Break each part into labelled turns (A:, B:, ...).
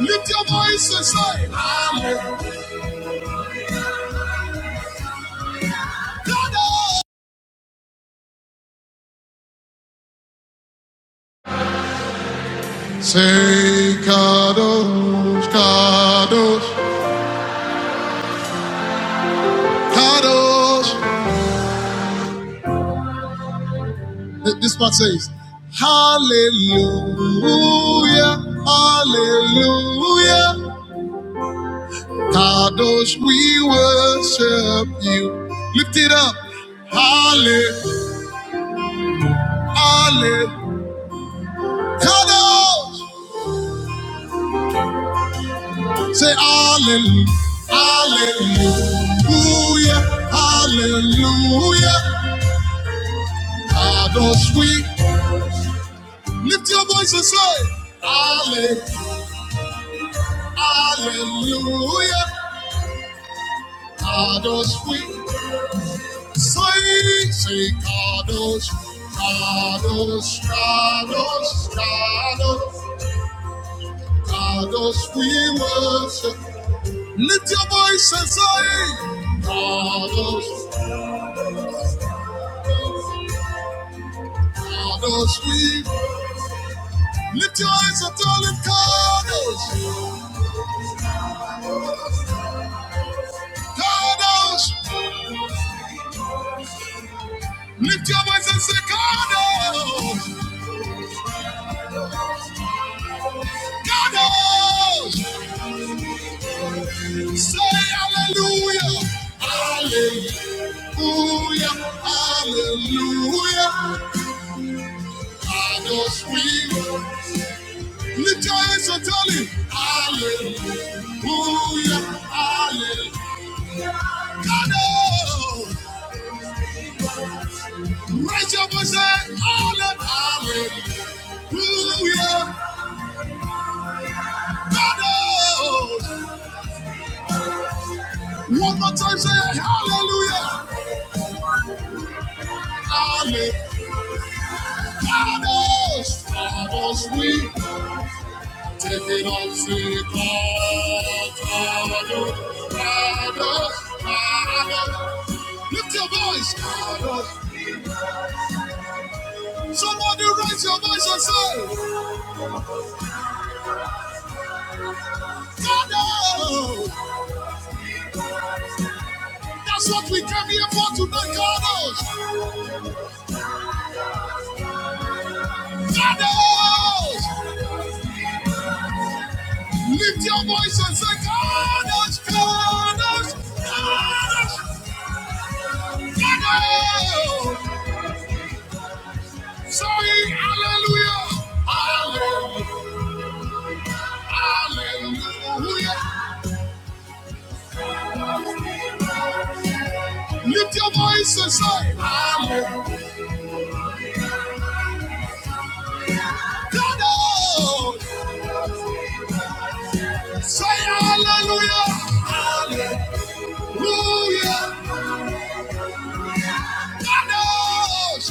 A: Lift your voice and say, Hallelujah. Say, Kadosh, Kadosh. This part says, Hallelujah, Hallelujah. Kadosh, we worship you. Lift it up. Hallelujah, Hallelujah. Kadosh. Say hallelujah, hallelujah, hallelujah. How sweet. Lift your voice and say, Halle- hallelujah, how sweet. Say, say, Kados, Kados, Kados, Kados, Kados, we worship. Lift your voice and say, Kados, Kados, we worship. Lift your eyes up, darling, Cardos. Cardos. Lift your voice and say, Cardos. Cardos. Say hallelujah. Hallelujah. Hallelujah. Cardos, we lift your eyes and tell him, Hallelujah. Hallelujah. Cardos. Raise your voice and say, Hallelujah. Hallelujah. Cardos. One more time, say hallelujah. Hallelujah. Father's we take it up to God. Father, Father, Father. Lift your voice. Father. Somebody raise your voice and say, Father. That's what we came here for tonight, God. Father. Lift your voice and say, God, God, God, God. Sing hallelujah, hallelujah, hallelujah. Lift your voice and say hallelujah. God, oh. Say hallelujah, hallelujah. God, knows.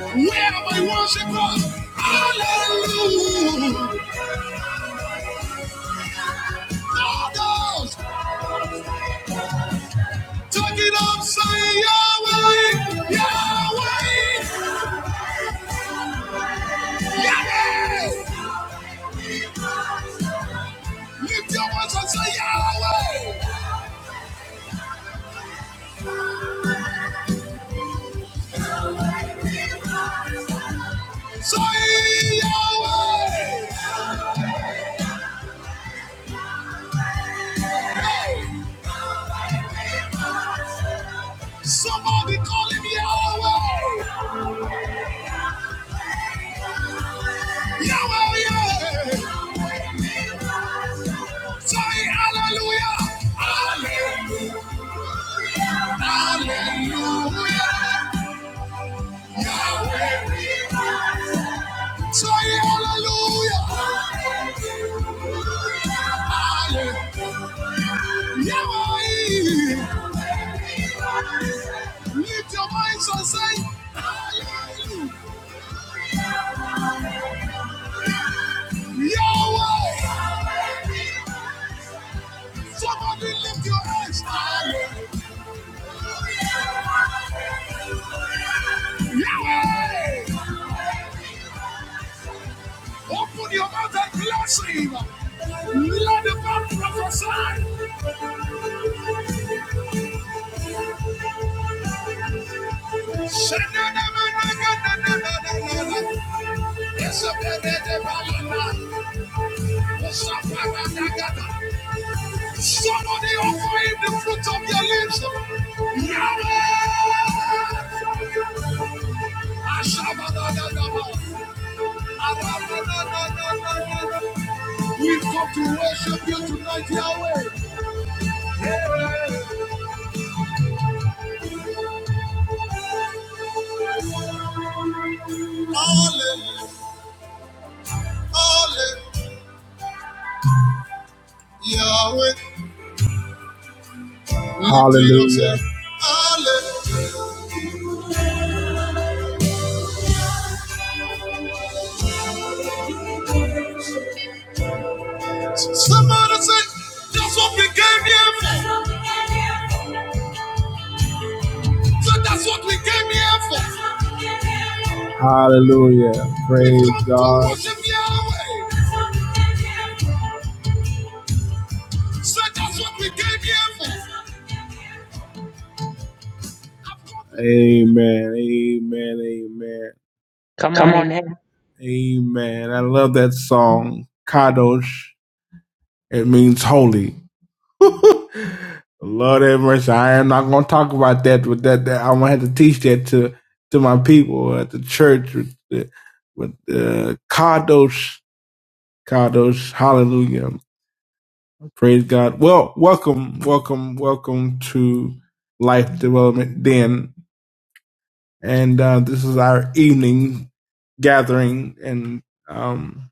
A: Where my worship goes, hallelujah. God, knows. take it up, say Yahweh, Yahweh, Yahweh. Lift your voice and say Yahweh. Say Yahweh. Somebody call him Yahweh. Yahweh, Yahweh. Say hallelujah. Hallelujah. Yahweh. Say hallelujah. Hallelujah. Yahweh. Lift your voice and say hallelujah. Yahweh. Somebody lift your hands. Halle- Yahweh. Open your mouth and bless him. Let the man prophesy. Somebody offer him the fruit of your lips. Yahweh! We've come to worship you tonight, Yahweh. Hallelujah. Hallelujah. Yahweh. Hallelujah. Somebody say, that's what we came here for. So that's what we came here for. Hallelujah. Praise God. So that's what we came here for. Amen. Amen. Amen.
B: Come
A: Come
B: on,
A: on.
B: amen.
A: Amen. I love that song, Kadosh. It means holy. Lord have mercy. I am not going to talk about that. With that, that I'm going to have to teach that to to my people at the church with the, with the Kadosh, Kadosh. Hallelujah. Praise God. Well, welcome, welcome, welcome to Life Development Den, and uh, this is our evening gathering, and um.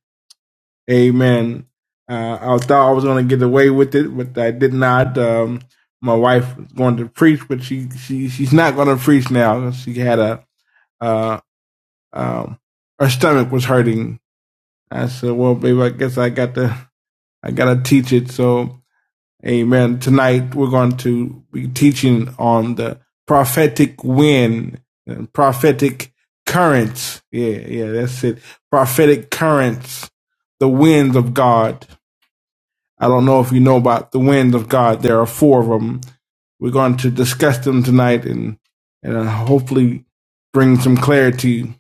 A: Amen. Uh, I thought I was going to get away with it, but I did not. Um, my wife was going to preach, but she, she she's not going to preach now. She had a uh, um, her stomach was hurting. I said, "Well, baby, I guess I got to I got to teach it." So, Amen. Tonight we're going to be teaching on the prophetic wind, and prophetic currents. Yeah, yeah, that's it. Prophetic currents, the winds of God I don't know if you know about the wind of God. There are four of them. We're going to discuss them tonight and and uh, hopefully bring some clarity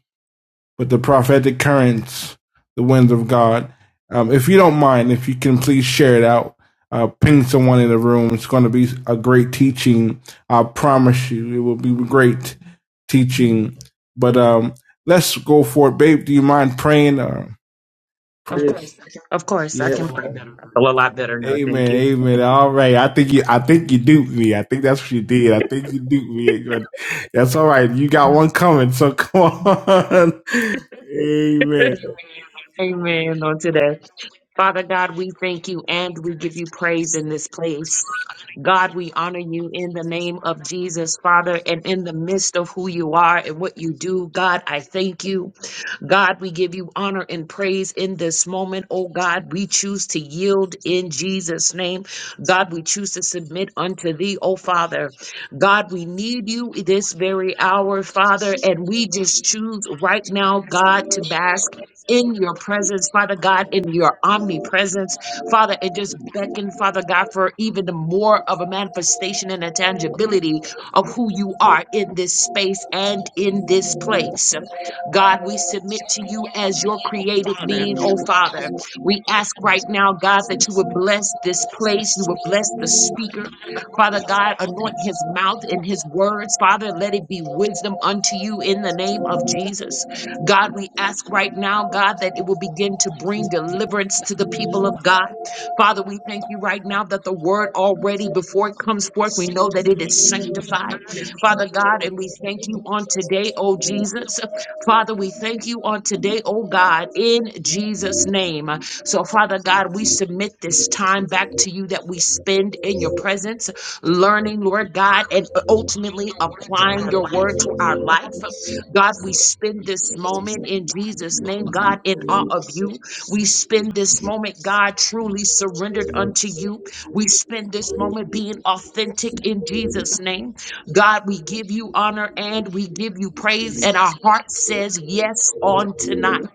A: with the prophetic currents, the winds of God. Um, if you don't mind, if you can please share it out, uh, ping someone in the room. It's going to be a great teaching. I promise you, it will be great teaching. But um, let's go for it, babe. Do you mind praying? Uh, Of course.
B: Of course, I can
A: Yeah.
B: pray. I feel a lot better now. Thank
A: Amen,
B: you.
A: amen. All right, I think you, I think you duped me. I think that's what you did. I think you duped me. But That's all right. You got one coming, so come on. amen,
B: amen on today. Father God, we thank you and we give you praise in this place. God, we honor you in the name of Jesus, Father, and in the midst of who you are and what you do. God, I thank you. God, we give you honor and praise in this moment. Oh God, we choose to yield in Jesus' name. God, we choose to submit unto thee, oh Father. God, we need you this very hour, Father, and we just choose right now, God, to bask in your presence, Father God, in your omnipresence, Father, and just beckon, Father God, for even the more of a manifestation and a tangibility of who you are in this space and in this place. God, we submit to you as your created being, oh Father. We ask right now, God, that you would bless this place, you would bless the speaker. Father God, anoint his mouth and his words, Father, let it be wisdom unto you in the name of Jesus. God, we ask right now, God, that it will begin to bring deliverance to the people of God. Father, we thank you right now that the word already before it comes forth, we know that it is sanctified. Father God, and we thank you on today, oh Jesus. Father, we thank you on today, oh God, in Jesus' name. So, Father God, we submit this time back to you that we spend in your presence, learning, Lord God, and ultimately applying your word to our life. God, we spend this moment in Jesus' name, God, in awe of you. We spend this moment, God, truly surrendered unto you. We spend this moment being authentic in Jesus' name. God, we give you honor and we give you praise, and our heart says yes on tonight.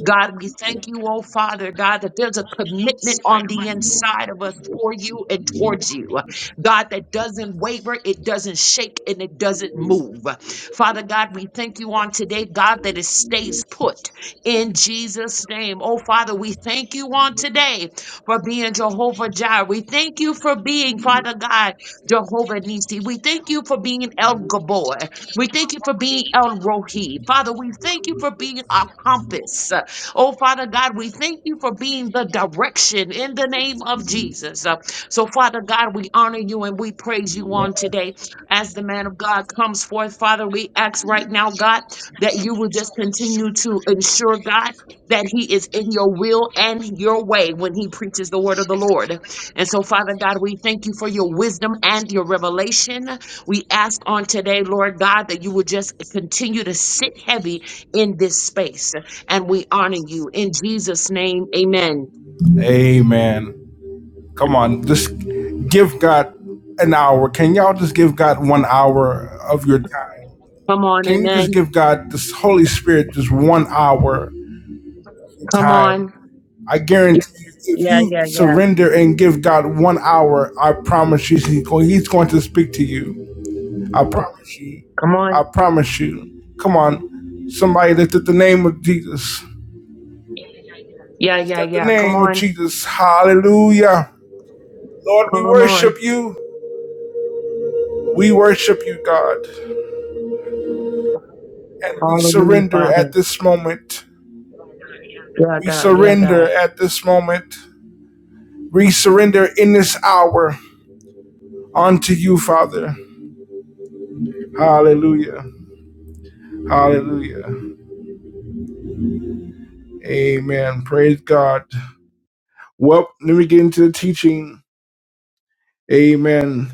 B: God, we thank you, oh Father, God, that there's a commitment on the inside of us for you and towards you. God, that doesn't waver, it doesn't shake, and it doesn't move. Father God, we thank you on today, God, that it stays put in Jesus' name. Oh, Father, we thank you on today for being Jehovah Jireh. We thank you for being, Father God, Jehovah Nisi. We thank you for being El Gabor. We thank you for being El Rohi. Father, we thank you for being our compass. Oh, Father God, we thank you for being the direction in the name of Jesus. Uh, So, Father God, we honor you and we praise you on today. As the man of God comes forth, Father, we ask right now, God, that you will just continue to ensure, God, that he is in your will and your way when he preaches the word of the Lord. And so, Father God, we thank you for your wisdom and your revelation. We ask on today, Lord God, that you will just continue to sit heavy in this space. And we honor you in Jesus' name. Amen.
A: amen. Come on, just give God an hour. Can y'all just give God one hour of your time?
B: Come on,
A: Can you just
B: amen.
A: give God this Holy Spirit just one hour of
B: Come
A: time?
B: on.
A: I guarantee you, if
B: Yeah,
A: you
B: yeah, yeah.
A: surrender and give God one hour, I promise you, he's going he's going to speak to you I promise you.
B: Come
A: I
B: on.
A: promise you. Come on. Somebody lift up the name of Jesus.
B: Yeah,
A: Lift
B: yeah,
A: up the
B: yeah. Come
A: name of
B: on.
A: Jesus. Hallelujah. Lord, we
B: Come on.
A: worship you. We worship you, God. And we
B: Hallelujah,
A: surrender
B: Father.
A: at this moment.
B: Yeah,
A: We
B: God. Yeah,
A: surrender
B: God.
A: at this moment. We surrender in this hour unto you, Father. Hallelujah. Hallelujah. Amen. Praise God. Well, let me get into the teaching. Amen.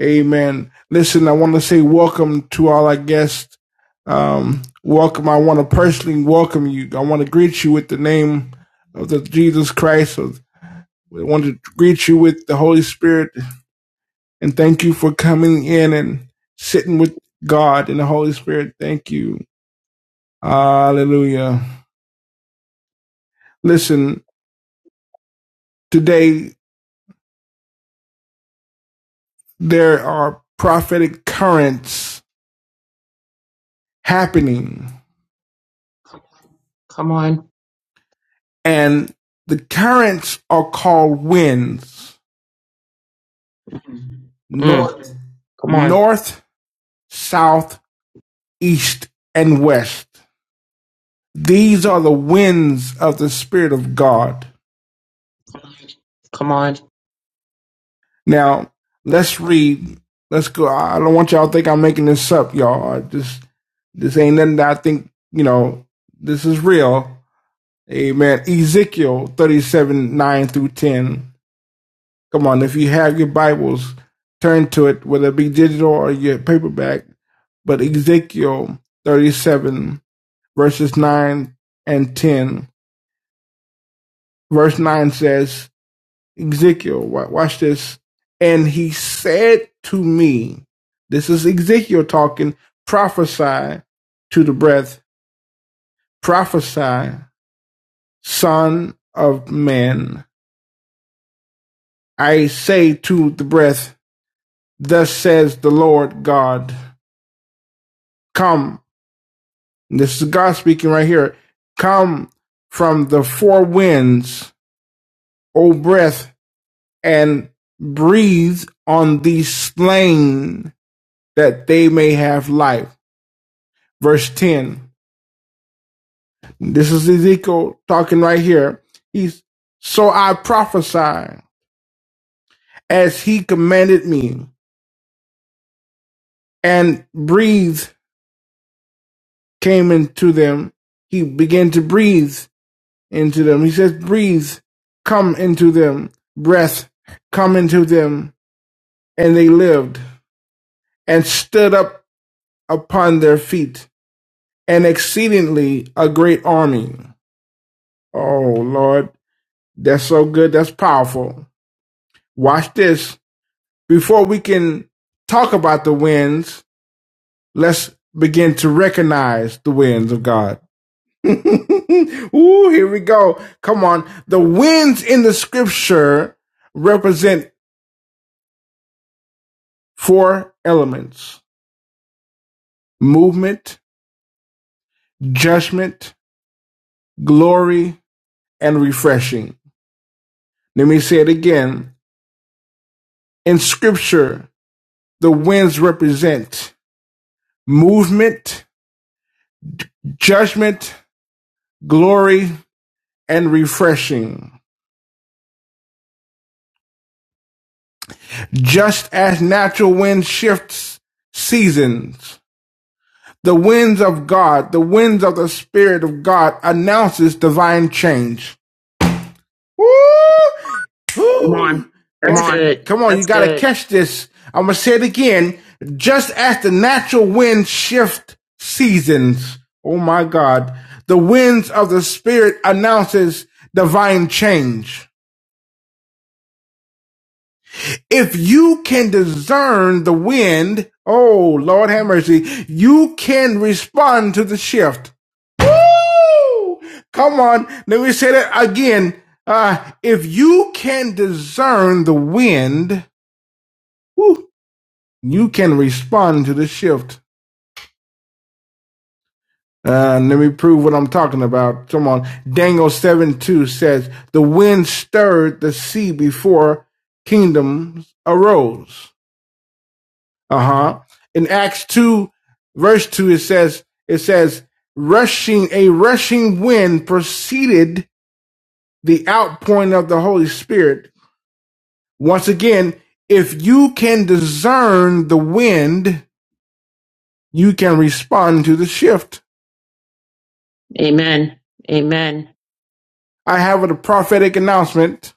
A: Amen. Listen, I want to say welcome to all our guests. Um, welcome. I want to personally welcome you. I want to greet you with the name of the Jesus Christ. I want to greet you with the Holy Spirit and thank you for coming in and sitting with God and the Holy Spirit. Thank you. Hallelujah. Listen, today there are prophetic currents happening
B: Come on.
A: and the currents are called winds
B: Mm.
A: north,
B: Come on.
A: north, south, east, and west. These are the winds of the Spirit of God.
B: Come on.
A: Now, let's read. Let's go. I don't want y'all to think I'm making this up, y'all. I just this ain't nothing that I think, you know, this is real. Amen. Ezekiel 37, 9 through 10. Come on, if you have your Bibles, turn to it, whether it be digital or your paperback. But Ezekiel 37, verses 9 and 10. Verse 9 says, Ezekiel, watch this. And he said to me, This is Ezekiel talking, prophesy to the breath, prophesy, son of man. I say to the breath, Thus says the Lord God, Come. This is God speaking right here. Come from the four winds, O breath and breathe on these slain that they may have life. Verse 10. This is Ezekiel talking right here. He's, so I prophesied as he commanded me, and breathe came into them. He began to breathe into them. He says, breathe, come into them, breath, come into them. And they lived and stood up upon their feet an exceedingly a great army. Oh Lord, that's so good. That's powerful. Watch this. Before we can talk about the winds, let's begin to recognize the winds of God. Ooh, here we go. Come on. The winds in the scripture represent four elements movement, judgment, glory, and refreshing. Let me say it again. In scripture, The winds represent movement, judgment, glory, and refreshing. Just as natural wind shifts seasons, the winds of God, the winds of the Spirit of God announces divine change. Woo! Come on.
B: Come
A: That's Catch,
B: on.
A: good. come on, you
B: That's
A: gotta
B: good.
A: catch this. I'm gonna say it again. Just as the natural wind shift seasons, oh my God, the winds of the Spirit announces divine change. If you can discern the wind, oh Lord have mercy, you can respond to the shift. Woo! Come on, let me say that again. Uh, if you can discern the wind, woo, you can respond to the shift. Uh, let me prove what I'm talking about. Come on. Daniel 7 2 says, The wind stirred the sea before kingdoms arose. Uh-huh. In Acts 2, verse 2, it says, it says, rushing, a rushing wind preceded the outpouring of the Holy Spirit. Once again, if you can discern the wind, you can respond to the shift. Amen.
B: Amen.
A: I have a prophetic announcement.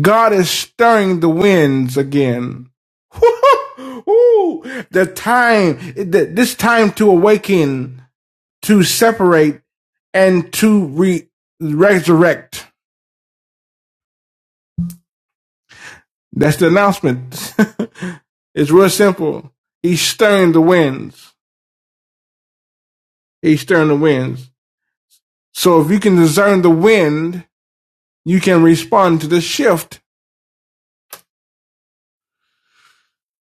A: God is stirring the winds again. Ooh, the time, the, this time to awaken. to separate and to re- resurrect. That's the announcement. it's real simple. He's stirring the winds. He's stirring the winds. So if you can discern the wind, you can respond to the shift.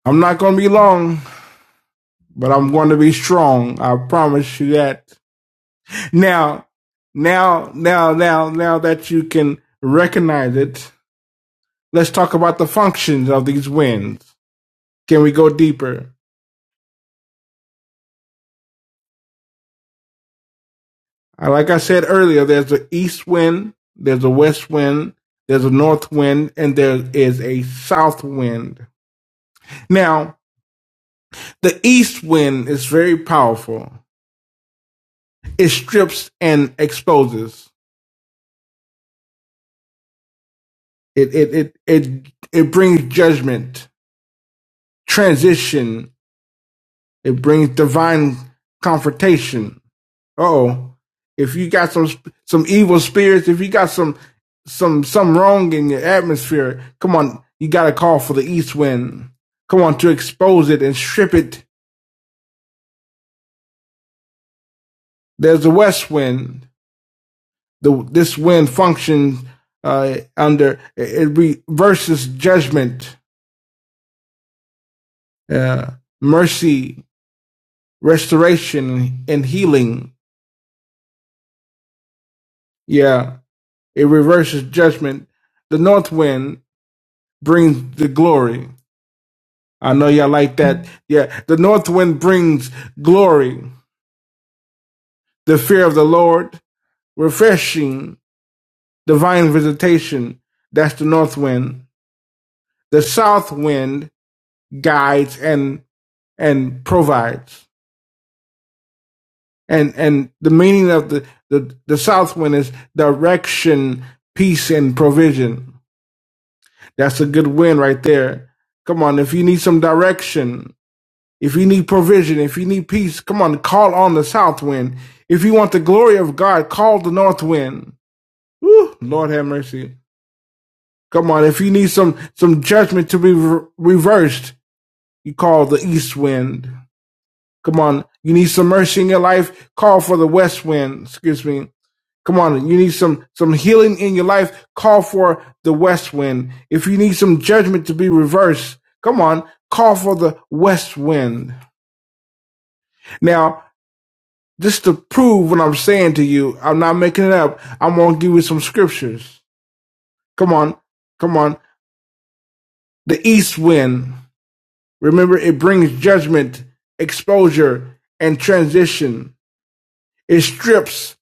A: I'm not going to be long, but I'm going to be strong. I promise you that. Now, now, now, now, now that you can recognize it, let's talk about the functions of these winds. Can we go deeper? Uh, Like I said earlier, there's an east wind, there's a west wind, there's a north wind, and there is a south wind. Now, the east wind is very powerful. It strips and exposes. It it it it, it brings judgment, transition. It brings divine confrontation oh, if you got some some evil spirits, if you got some some some wrong in your atmosphere, come on, you got to call for the east wind. Come on to expose it and strip it. There's the west wind. The this wind functions uh, under it it reverses judgment, uh, mercy, restoration, and healing. Yeah, it reverses judgment. The north wind brings the glory I know y'all like that. Yeah, the north wind brings glory, the fear of the Lord, refreshing, divine visitation. That's the north wind. The south wind guides and and provides. And and the meaning of the the, the south wind is direction, peace, and provision. That's a good wind right there. Come on, if you need some direction, If you need provision, if you need peace, come on, call on the south wind. If you want the glory of God, call the north wind. Woo, Lord have mercy. Come on, if you need some some judgment to be re- reversed, you call the east wind. Come on, you need some mercy in your life, call for the west wind. Excuse me. Come on, you need some some healing in your life, call for the west wind. If you need some judgment to be reversed, come on, call for the west wind. Now, Just to prove what I'm saying to you, I'm not making it up. I'm gonna give you some scriptures. Come on, come on. The east wind. Remember, it brings judgment, exposure, and transition. It strips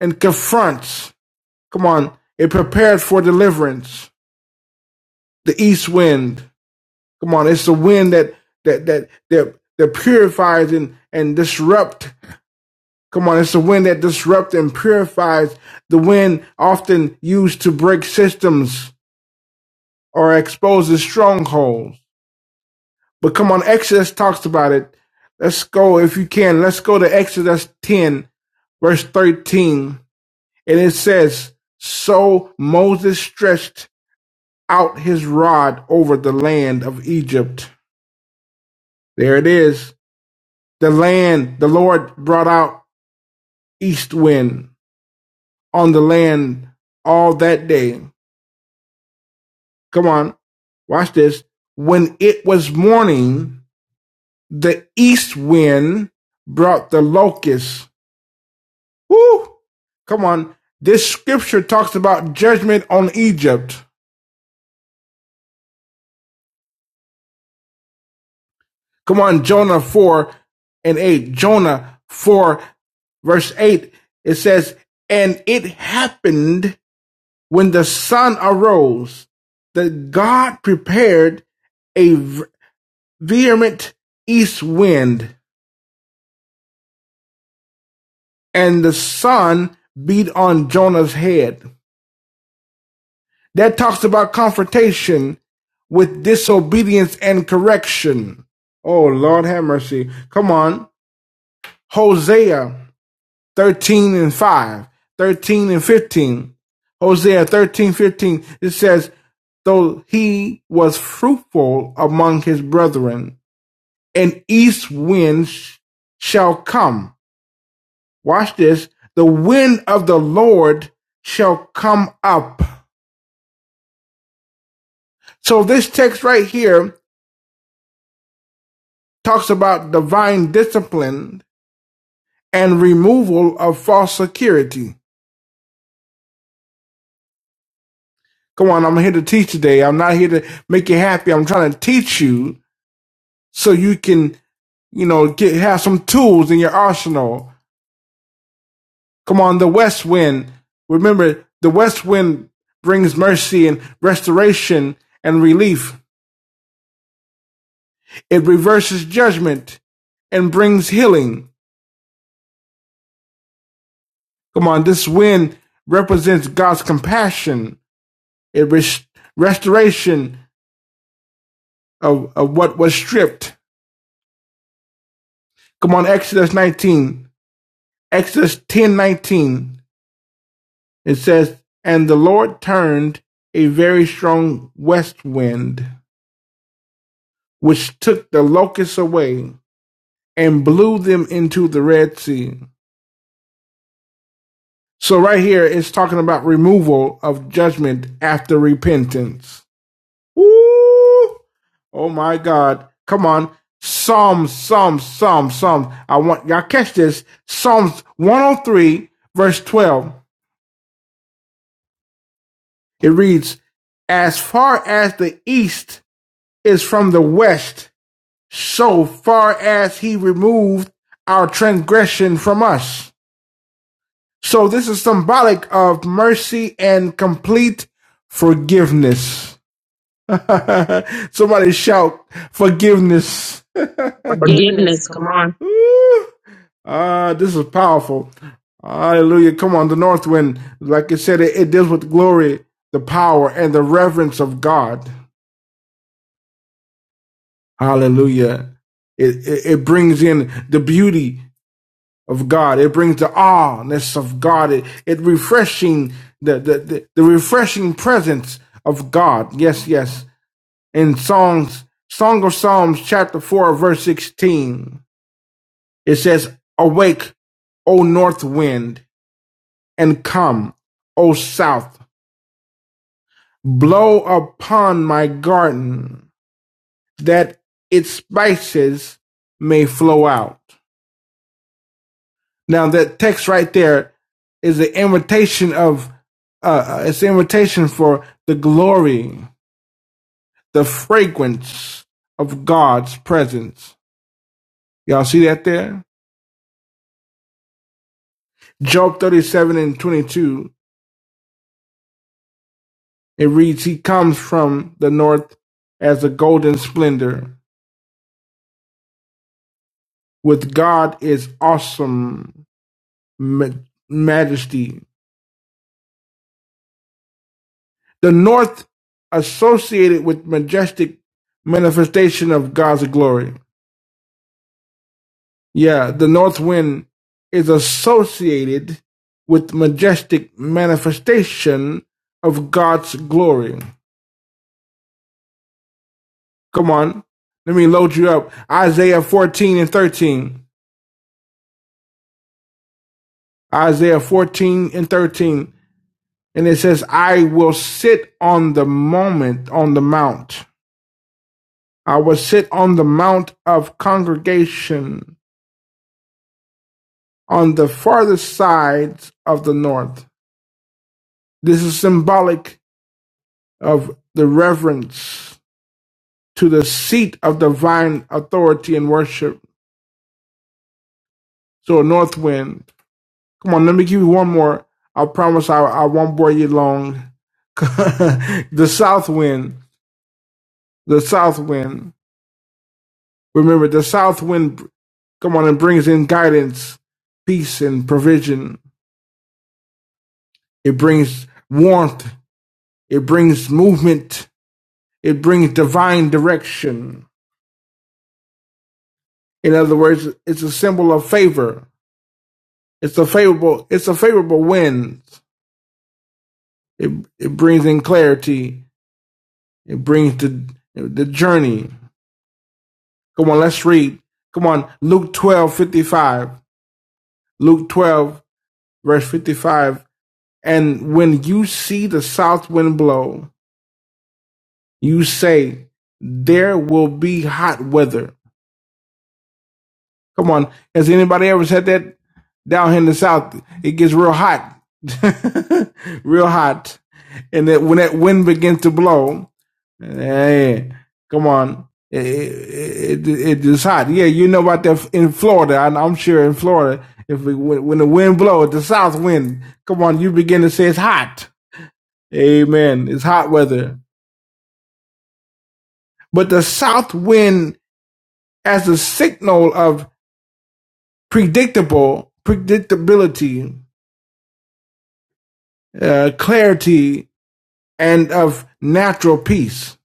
A: and confronts. Come on, it prepares for deliverance. The east wind. Come on, it's the wind that that that that that purifies and and disrupt Come on, it's the wind that disrupts and purifies, the wind often used to break systems or exposes strongholds. But come on, Exodus talks about it. Let's go, if you can, let's go to Exodus 10, verse 13. And it says, So Moses stretched out his rod over the land of Egypt. There it is. The land the Lord brought out east wind on the land all that day Come on, watch this. When it was morning, the east wind brought the locusts. Woo! Come on. This scripture talks about judgment on Egypt. Come on, Jonah 4 and 8. Jonah 4 verse 8, it says, And it happened when the sun arose that God prepared a vehement east wind. and the sun beat on Jonah's head. That talks about confrontation with disobedience and correction. Oh, Lord have mercy. Come on. Hosea 13 and 5, 13 and 15. Hosea 13 15. It says, though he was fruitful among his brethren, an east wind shall come Watch this. The wind of the Lord shall come up. So this text right here talks about divine discipline and removal of false security. Come on, I'm here to teach today. I'm not here to make you happy. I'm trying to teach you so you can, you know, get have some tools in your arsenal. Come on, the west wind. Remember, the west wind brings mercy and restoration and relief. It reverses judgment and brings healing. Come on, this wind represents God's compassion, it res- restoration of, of what was stripped. Come on, Exodus 19, Exodus 10 19. It says, And the Lord turned a very strong west wind, which took the locusts away and blew them into the Red Sea. So, right here, it's talking about removal of judgment after repentance. Woo! Oh my God. Come on. Psalms, Psalms, Psalms, Psalms. I want y'all catch this. Psalms 103, verse 12. It reads, As far as the east is from the west, so far as he removed our transgression from us. So this is symbolic of mercy and complete forgiveness. Somebody shout forgiveness.
B: Forgiveness.
A: Forgiveness,
B: Come
A: come on.
B: on.
A: Ooh. Ah, this is powerful. Hallelujah. Come on, the north wind, like it said, it, it deals with glory, the power, and the reverence of God. Hallelujah. It, it, it brings in the beauty of God. It brings the awness of God. It, it refreshing the, the, the, the refreshing presence of God. Yes, yes. In Songs, Song of Psalms, chapter 4, verse 16. It says, Awake, O north wind, and come, O south, blow upon my garden, that its spices may flow out. Now that text right there is an invitation of uh, uh, it's an invitation for the glory, the fragrance of God's presence. Y'all see that there? Job 37 and 22 It reads, He comes from the north as a golden splendor. With God is awesome ma- majesty. The north associated with majestic manifestation of God's glory. Yeah, the north wind is associated with majestic manifestation of God's glory. Come on. Let me load you up. Isaiah 14 and 13. Isaiah 14 and 13. And it says, I will sit on the moment on the mount. I will sit on the mount of congregation on the farthest sides of the north. This is symbolic of the reverence to the seat of divine authority and worship. So, a north wind. Come on, let me give you one more. I promise I, I won't bore you long. the south wind. The south wind. Remember, the south wind Come on it brings in guidance, peace, and provision. It brings warmth. It brings movement. It brings divine direction. In other words, it's a symbol of favor. It's a favorable. It's a favorable wind. It it brings in clarity. It brings the the journey. Come on, let's read. Come on, Luke twelve fifty five. Luke twelve verse fifty five. And when you see the south wind blow, You say there will be hot weather. Come on, has anybody ever said that down here in the south? It gets real hot, real hot, and that when that wind begins to blow, hey, come on, it, it, it, it is hot. Yeah, you know about that in Florida. I, I'm sure in Florida, if it, when, when the wind blows, the south wind, come on, you begin to say it's hot. Amen. It's hot weather, but the south wind as a signal of predictable predictability, uh, clarity, and of natural peace.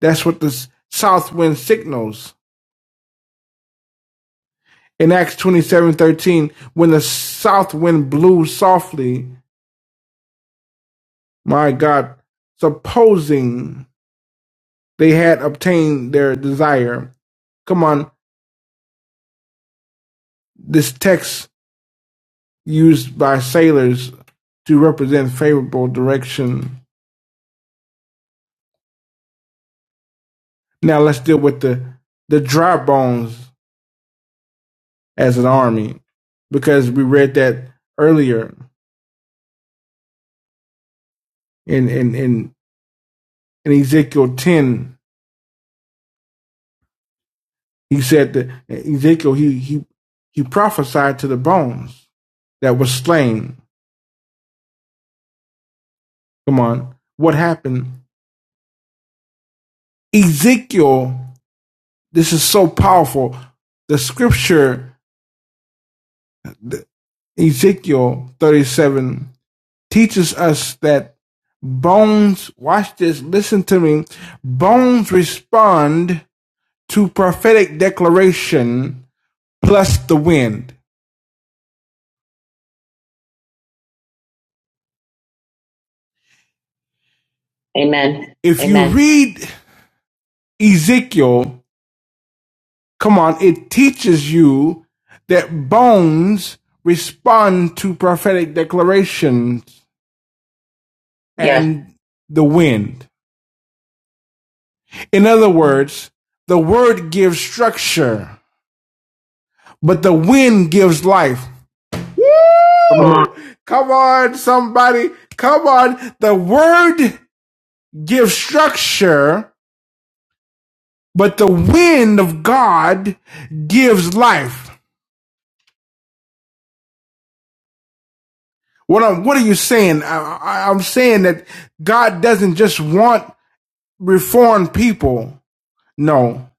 A: That's what the south wind signals. In Acts twenty seven thirteen, when the south wind blew softly, my God, supposing they had obtained their desire. Come on, this text used by sailors to represent favorable direction. Now let's deal with the the dry bones as an army because we read that earlier in in in, in Ezekiel ten. He said that Ezekiel he he he prophesied to the bones that were slain. Come on, what happened? Ezekiel, this is so powerful. The scripture, Ezekiel 37, teaches us that bones, watch this, listen to me, bones respond to prophetic declaration plus the wind. Amen. If you
B: Amen.
A: read Ezekiel, come on, it teaches you that bones respond to prophetic declarations
B: Yeah.
A: and yeah. the wind. In other words, the word gives structure, but the wind gives life.
B: Come
A: Come
B: on.
A: on. Come on, somebody. Come on. The word gives structure, But the wind of God gives life. What I'm, what are you saying? I, I, I'm saying that God doesn't just want reformed people. No,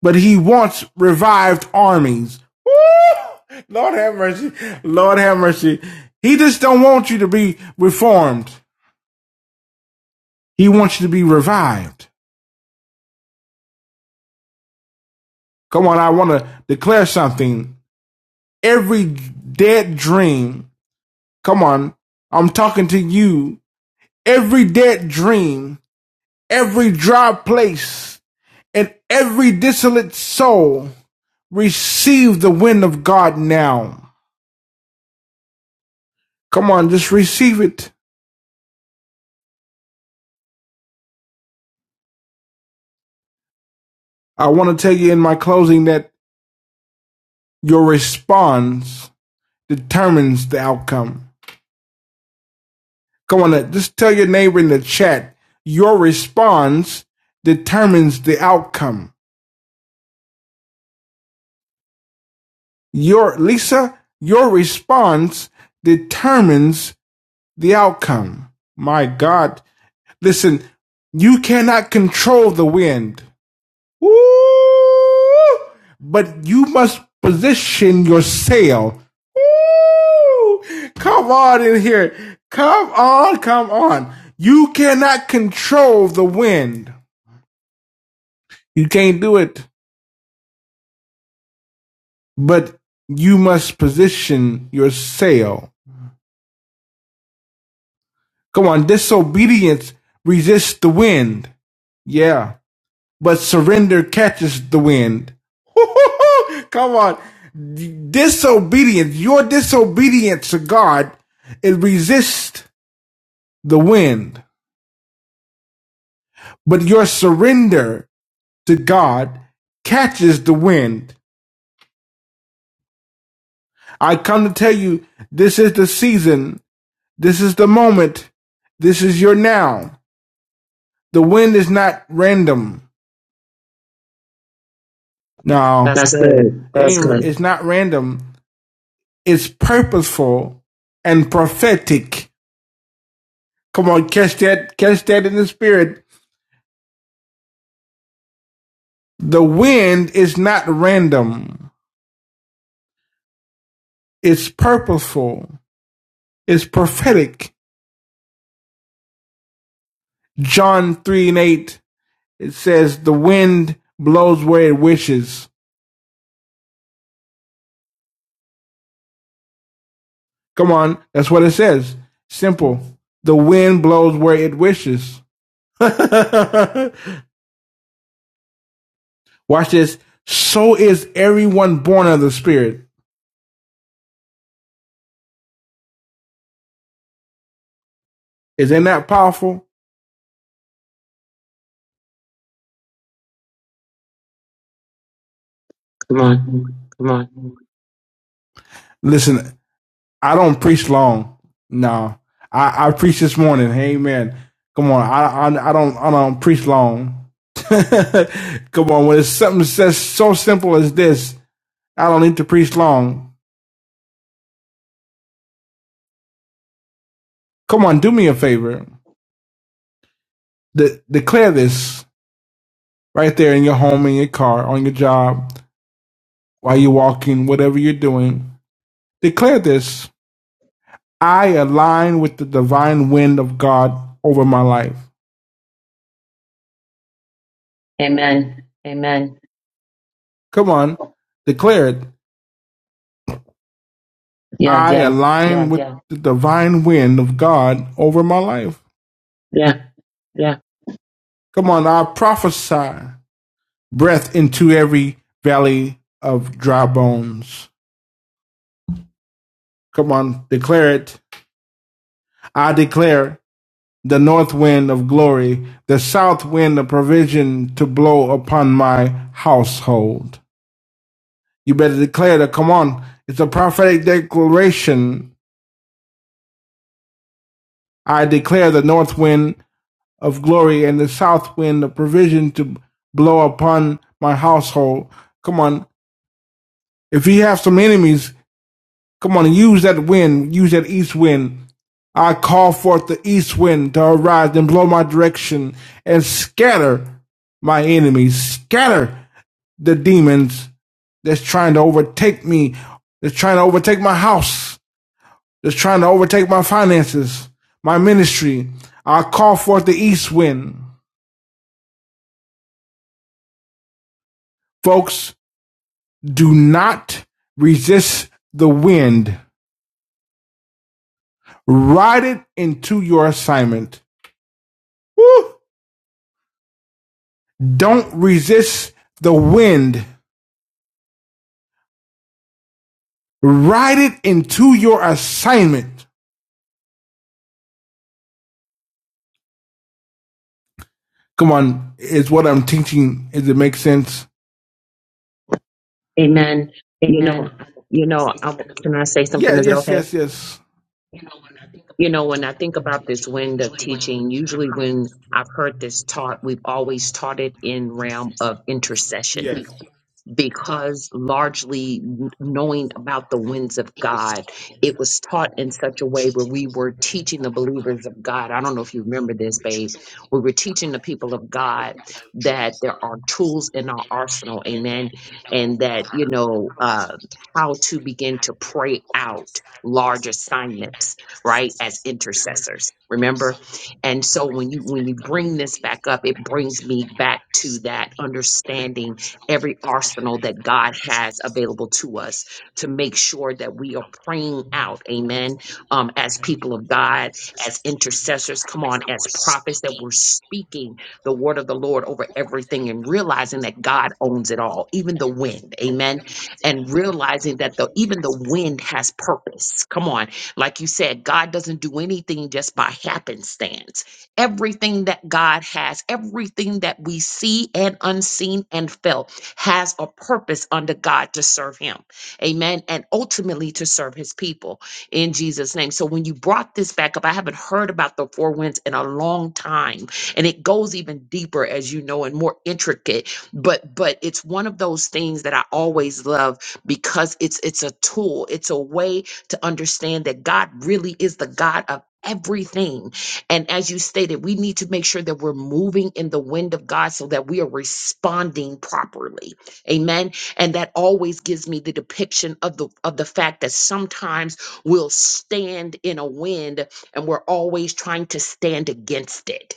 A: but he wants revived armies. Woo! Lord have mercy. Lord have mercy. He just don't want you to be reformed. He wants you to be revived. Come on. I want to declare something. Every dead dream. Come on. I'm talking to you every dead dream, every dry place, and every dissolute soul receive the wind of God now. Come on, just receive it. I want to tell you in my closing that your response determines the outcome. Come on, uh, just tell your neighbor in the chat. Your response determines the outcome. Your Lisa, your response determines the outcome. My God, Listen, you cannot control the wind. Woo! But you must position your sail. Woo! Come on in here. Come on, come on. You cannot control the wind. You can't do it. But you must position your sail. Come on, disobedience resists the wind. Yeah. but surrender catches the wind. Come on. Disobedience, your disobedience to God, it resists the wind, but your surrender to God catches the wind. I come to tell you, this is the season, this is the moment, this is your now. The wind is not random. No,
B: That's
A: That's
B: good.
A: good.
B: That's
A: That's ain't, good.
B: good.
A: it's not random. It's purposeful and prophetic. Come on, catch that, catch that in the spirit. The wind is not random. It's purposeful. It's prophetic. John 3 and 8, it says, the wind blows where it wishes. Come on. That's what it says. Simple. The wind blows where it wishes. Watch this. So is everyone born of the spirit. Is that not powerful? Come on.
B: Come on.
A: Listen, I don't preach long. No, I, I preach this morning. Amen. Come on, I I, I don't I don't preach long. Come on, when it's something says so simple as this, I don't need to preach long. Come on, do me a favor. De- declare this right there in your home, in your car, on your job, while you're walking, whatever you're doing. Declare this. I align with the divine wind of God over my life. Amen.
B: Amen.
A: Come on, declare it. Yeah, I yeah, align
B: Yeah,
A: with
B: yeah,
A: the divine wind of God over my life. yeah.
B: yeah.
A: Come on, I prophesy breath into every valley of dry bones. Come on, declare it. I declare the north wind of glory, the south wind of provision to blow upon my household. You better declare that. Come on, it's a prophetic declaration. I declare the north wind of glory and the south wind of provision to blow upon my household. Come on. If you have some enemies, come on, use that wind, use that east wind. I call forth the east wind to arise and blow my direction and scatter my enemies, scatter the demons that's trying to overtake me, that's trying to overtake my house, that's trying to overtake my finances, my ministry. I call forth the east wind. Folks, Do not resist the wind. Ride it into your assignment. Woo! Don't resist the wind. Ride it into your assignment. Come on, is what I'm teaching. Does it make sense? Amen. You know,
B: Amen. You
A: can I
B: know,
A: say
B: I,
A: something
B: w-
A: about
B: can I
A: that?
B: say
A: Yeah,
B: something? Is it
A: yes,
B: okay?
A: yes, yes. You know, when I think
B: You
A: about
B: know,
A: this
B: when I
A: wind
B: think
A: of
B: about this
A: teaching,
B: wind of
A: usually
B: teaching,
A: when my
B: usually
A: heart
B: when
A: is
B: I've heard this taught, we've always taught it in realm of intercession.
A: Yes.
B: because largely n- knowing about the winds of God, it was taught in such a way where we were teaching the believers of God. I don't know if you remember this, babe. We were teaching the people of God that there are tools in our arsenal, amen, and that, you know, uh, how to begin to pray out large assignments, right, as intercessors. Remember? And so when you when you bring this back up, it brings me back to that understanding every arsenal that God has available to us to make sure that we are praying out, amen, um, as people of God, as intercessors, come on, as prophets, that we're speaking the word of the Lord over everything and realizing that God owns it all, even the wind, amen, and realizing that the even the wind has purpose. Come on, like you said, God doesn't do anything just by happenstance everything that God has, everything that we see and unseen and felt has a purpose under God to serve him. Amen. And ultimately to serve his people in Jesus' name. So when you brought this back up, I haven't heard about the four winds in a long time. And it goes even deeper, as you know, and more intricate. But but it's one of those things that I always love because it's it's a tool, it's a way to understand that God really is the God of everything and as you stated, we need to make sure that we're moving in the wind of God so that we are responding properly. Amen. And that always gives me the depiction of the of the fact that sometimes we'll stand in a wind and we're always trying to stand against it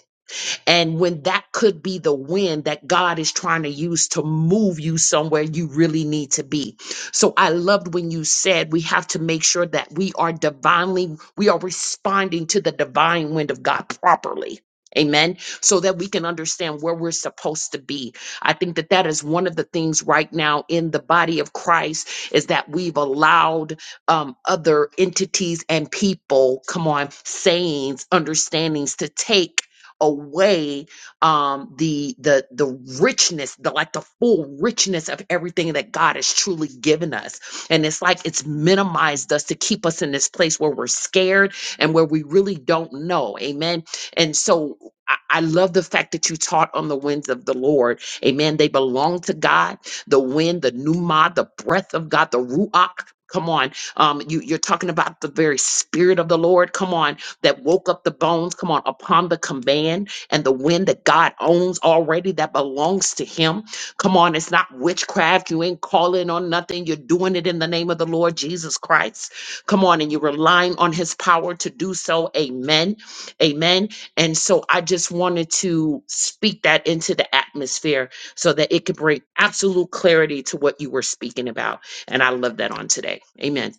B: and when that could be the wind that God is trying to use to move you somewhere you really need to be. So I loved when you said we have to make sure that we are divinely, we are responding to the divine wind of God properly. Amen. So that we can understand where we're supposed to be. I think that that is one of the things right now in the body of Christ is that we've allowed um, other entities and people, come on, sayings, understandings to take away um the the the richness the like the full richness of everything that god has truly given us and it's like it's minimized us to keep us in this place where we're scared and where we really don't know amen and so I I love the fact that you taught on the winds of the Lord. Amen. They belong to God. The wind, the pneuma, the breath of God, the ruach. Come on. Um, you, you're talking about the very spirit of the Lord. Come on that woke up the bones, come on, upon the command and the wind that God owns already that belongs to Him. Come on, it's not witchcraft. You ain't calling on nothing. You're doing it in the name of the Lord Jesus Christ. Come on, and you're relying on His power to do so. Amen. Amen. And so I just wanted to speak that into the atmosphere so that it could bring absolute clarity to what you were speaking about. And I love that on today. Amen.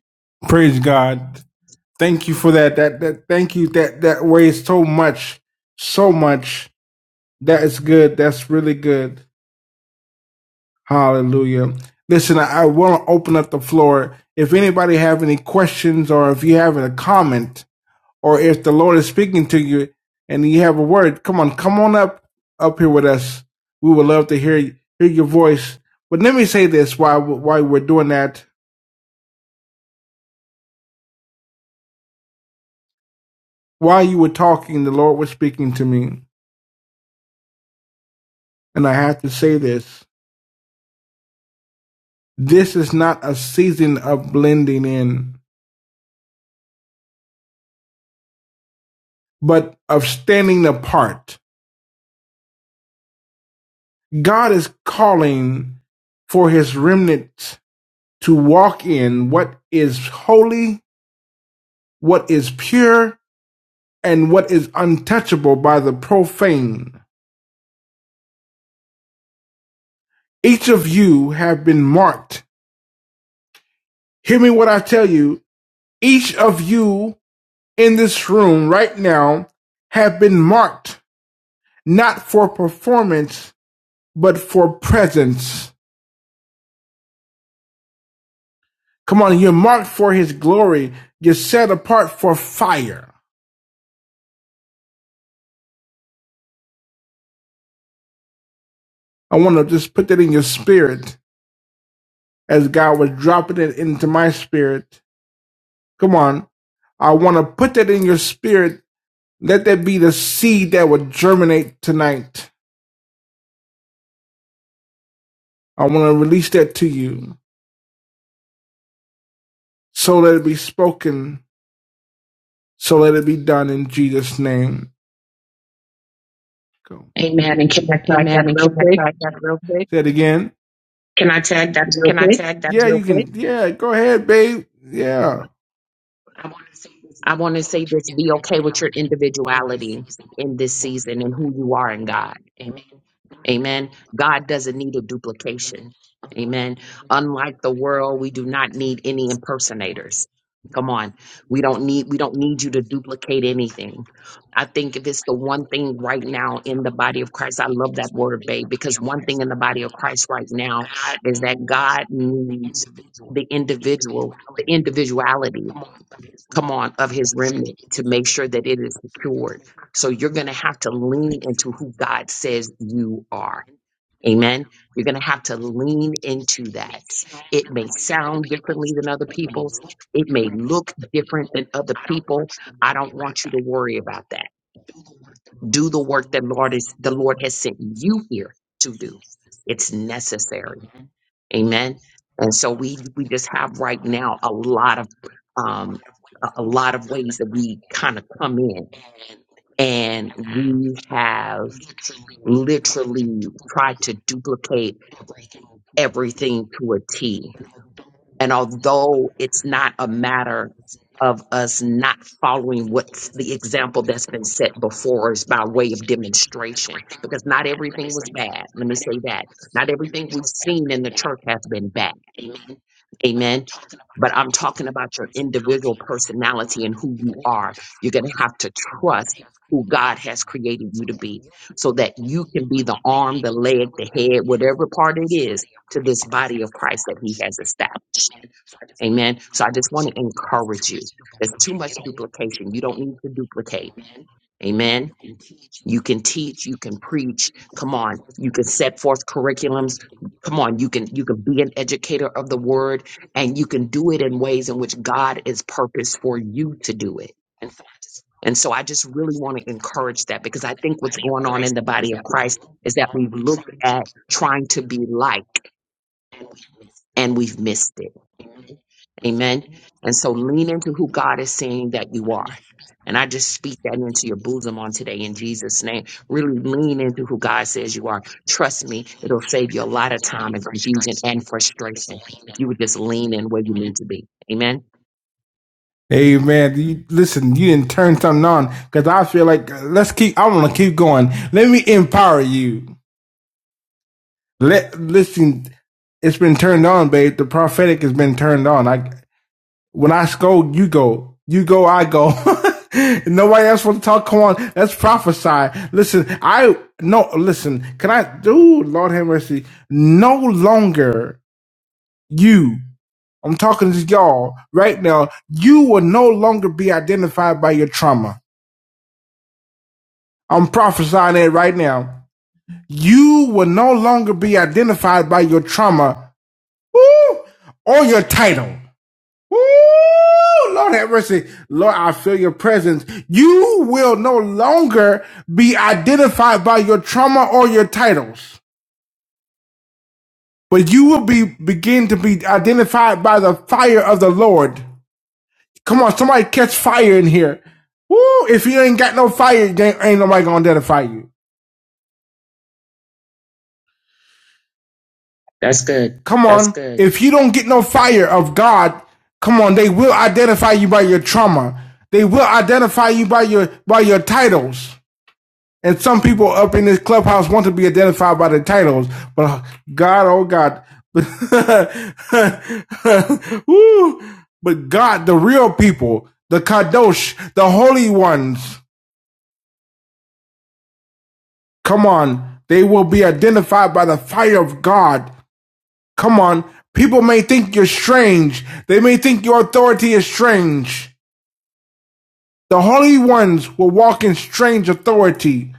A: Praise God. Thank you for that. That that thank you. That that weighs so much, so much. That is good. That's really good. Hallelujah. Listen, I, I want to open up the floor. If anybody have any questions or if you have a comment or if the Lord is speaking to you and you have a word, come on, come on up up here with us. We would love to hear hear your voice. But let me say this while while we're doing that, while you were talking, the Lord was speaking to me, and I have to say this. This is not a season of blending in, but of standing apart. God is calling for his remnant to walk in what is holy, what is pure, and what is untouchable by the profane. Each of you have been marked. Hear me what I tell you. Each of you in this room right now have been marked not for performance, but for presence. Come on, you're marked for his glory. You're set apart for fire. I want to just put that in your spirit as God was dropping it into my spirit. Come on. I want to put that in your spirit. Let that be the seed that will germinate tonight. I want to release that to you. So let it be spoken. So let it be done in Jesus' name. Go. Amen. And can I tag
B: Amen.
A: that
B: And
A: real
B: can I
A: quick?
B: tag that real quick?
A: Say it again. Can I tag that real
B: Can I
A: quick?
B: tag that
A: Yeah,
B: real
A: you
B: quick?
A: can. Yeah, go ahead, babe. Yeah. I want to say this
B: I
A: be
B: want to
A: okay
B: say
A: with your
B: this be okay with your
A: individuality and
B: individuality
A: taking
B: in
A: who
B: this season and who you are in God. Amen. God doesn't need a duplication. Amen. Unlike the world, we do not need any impersonators. Come on. We don't need we don't need you to duplicate anything. I think if it's the one thing right now in the body of Christ, I love that word, babe, because one thing in the body of Christ right now is that God needs the individual, the individuality, come on, of his remnant to make sure that it is secured. So you're going to have to lean into who God says you are Amen. You're going to have to lean into that. It may sound differently than other people's. It may look different than other people. I don't want you to worry about that. Do the work that Lord is the Lord has sent you here to do. It's necessary. Amen. And so we we just have right now a lot of um a a lot of ways that we kind of come in and we have literally tried to duplicate everything to a T. And although it's not a matter of us not following what's the example that's been set before us by way of demonstration, because not everything was bad. Let me say that. Not everything we've seen in the church has been bad Amen. But I'm talking about your individual personality and who you are. You're going to have to trust who God has created you to be so that you can be the arm, the leg, the head, whatever part it is to this body of Christ that he has established. Amen. So I just want to encourage you. There's too much duplication. You don't need to duplicate. Amen. You can teach, you can preach. Come on, you can set forth curriculums. Come on, you can you can be an educator of the word and you can do it in ways in which God is purposed for you to do it. And so I just really want to encourage that because I think what's going on in the body of Christ is that we've looked at trying to be like and we've missed it Amen. And so lean into who God is saying that you are. And I just speak that into your bosom on today in Jesus' name. Really lean into who God says you are. Trust me, it'll save you a lot of time and confusion and frustration if you would just lean in where you need to be. Amen.
A: Hey man, you, listen, you didn't turn something on because I feel like uh, let's keep. I want to keep going. Let me empower you. Let listen. It's been turned on, babe. The prophetic has been turned on. I when I scold, you go. You go, I go. Nobody else want to talk. Come on, let's prophesy. Listen, I no. Listen, can I? Dude, Lord have mercy. No longer you. I'm talking to y'all right now. You will no longer be identified by your trauma. I'm prophesying it right now. You will no longer be identified by your trauma woo, or your title. Woo, Lord have mercy. Lord, I feel your presence. You will no longer be identified by your trauma or your titles, but you will be begin to be identified by the fire of the Lord. Come on, somebody catch fire in here. Woo! If you ain't got no fire, ain't nobody gonna identify you. That's good. Come
B: That's
A: on.
B: good.
A: If you don't get no fire of God, come on, they will identify you by your trauma. They will identify you by your by your titles. And some people up in this clubhouse want to be identified by the titles, but uh, God, oh God, Woo. but God, the real people, the kadosh, the holy ones. Come on, they will be identified by the fire of God. Come on, people may think you're strange. They may think your authority is strange. The holy ones will walk in strange authority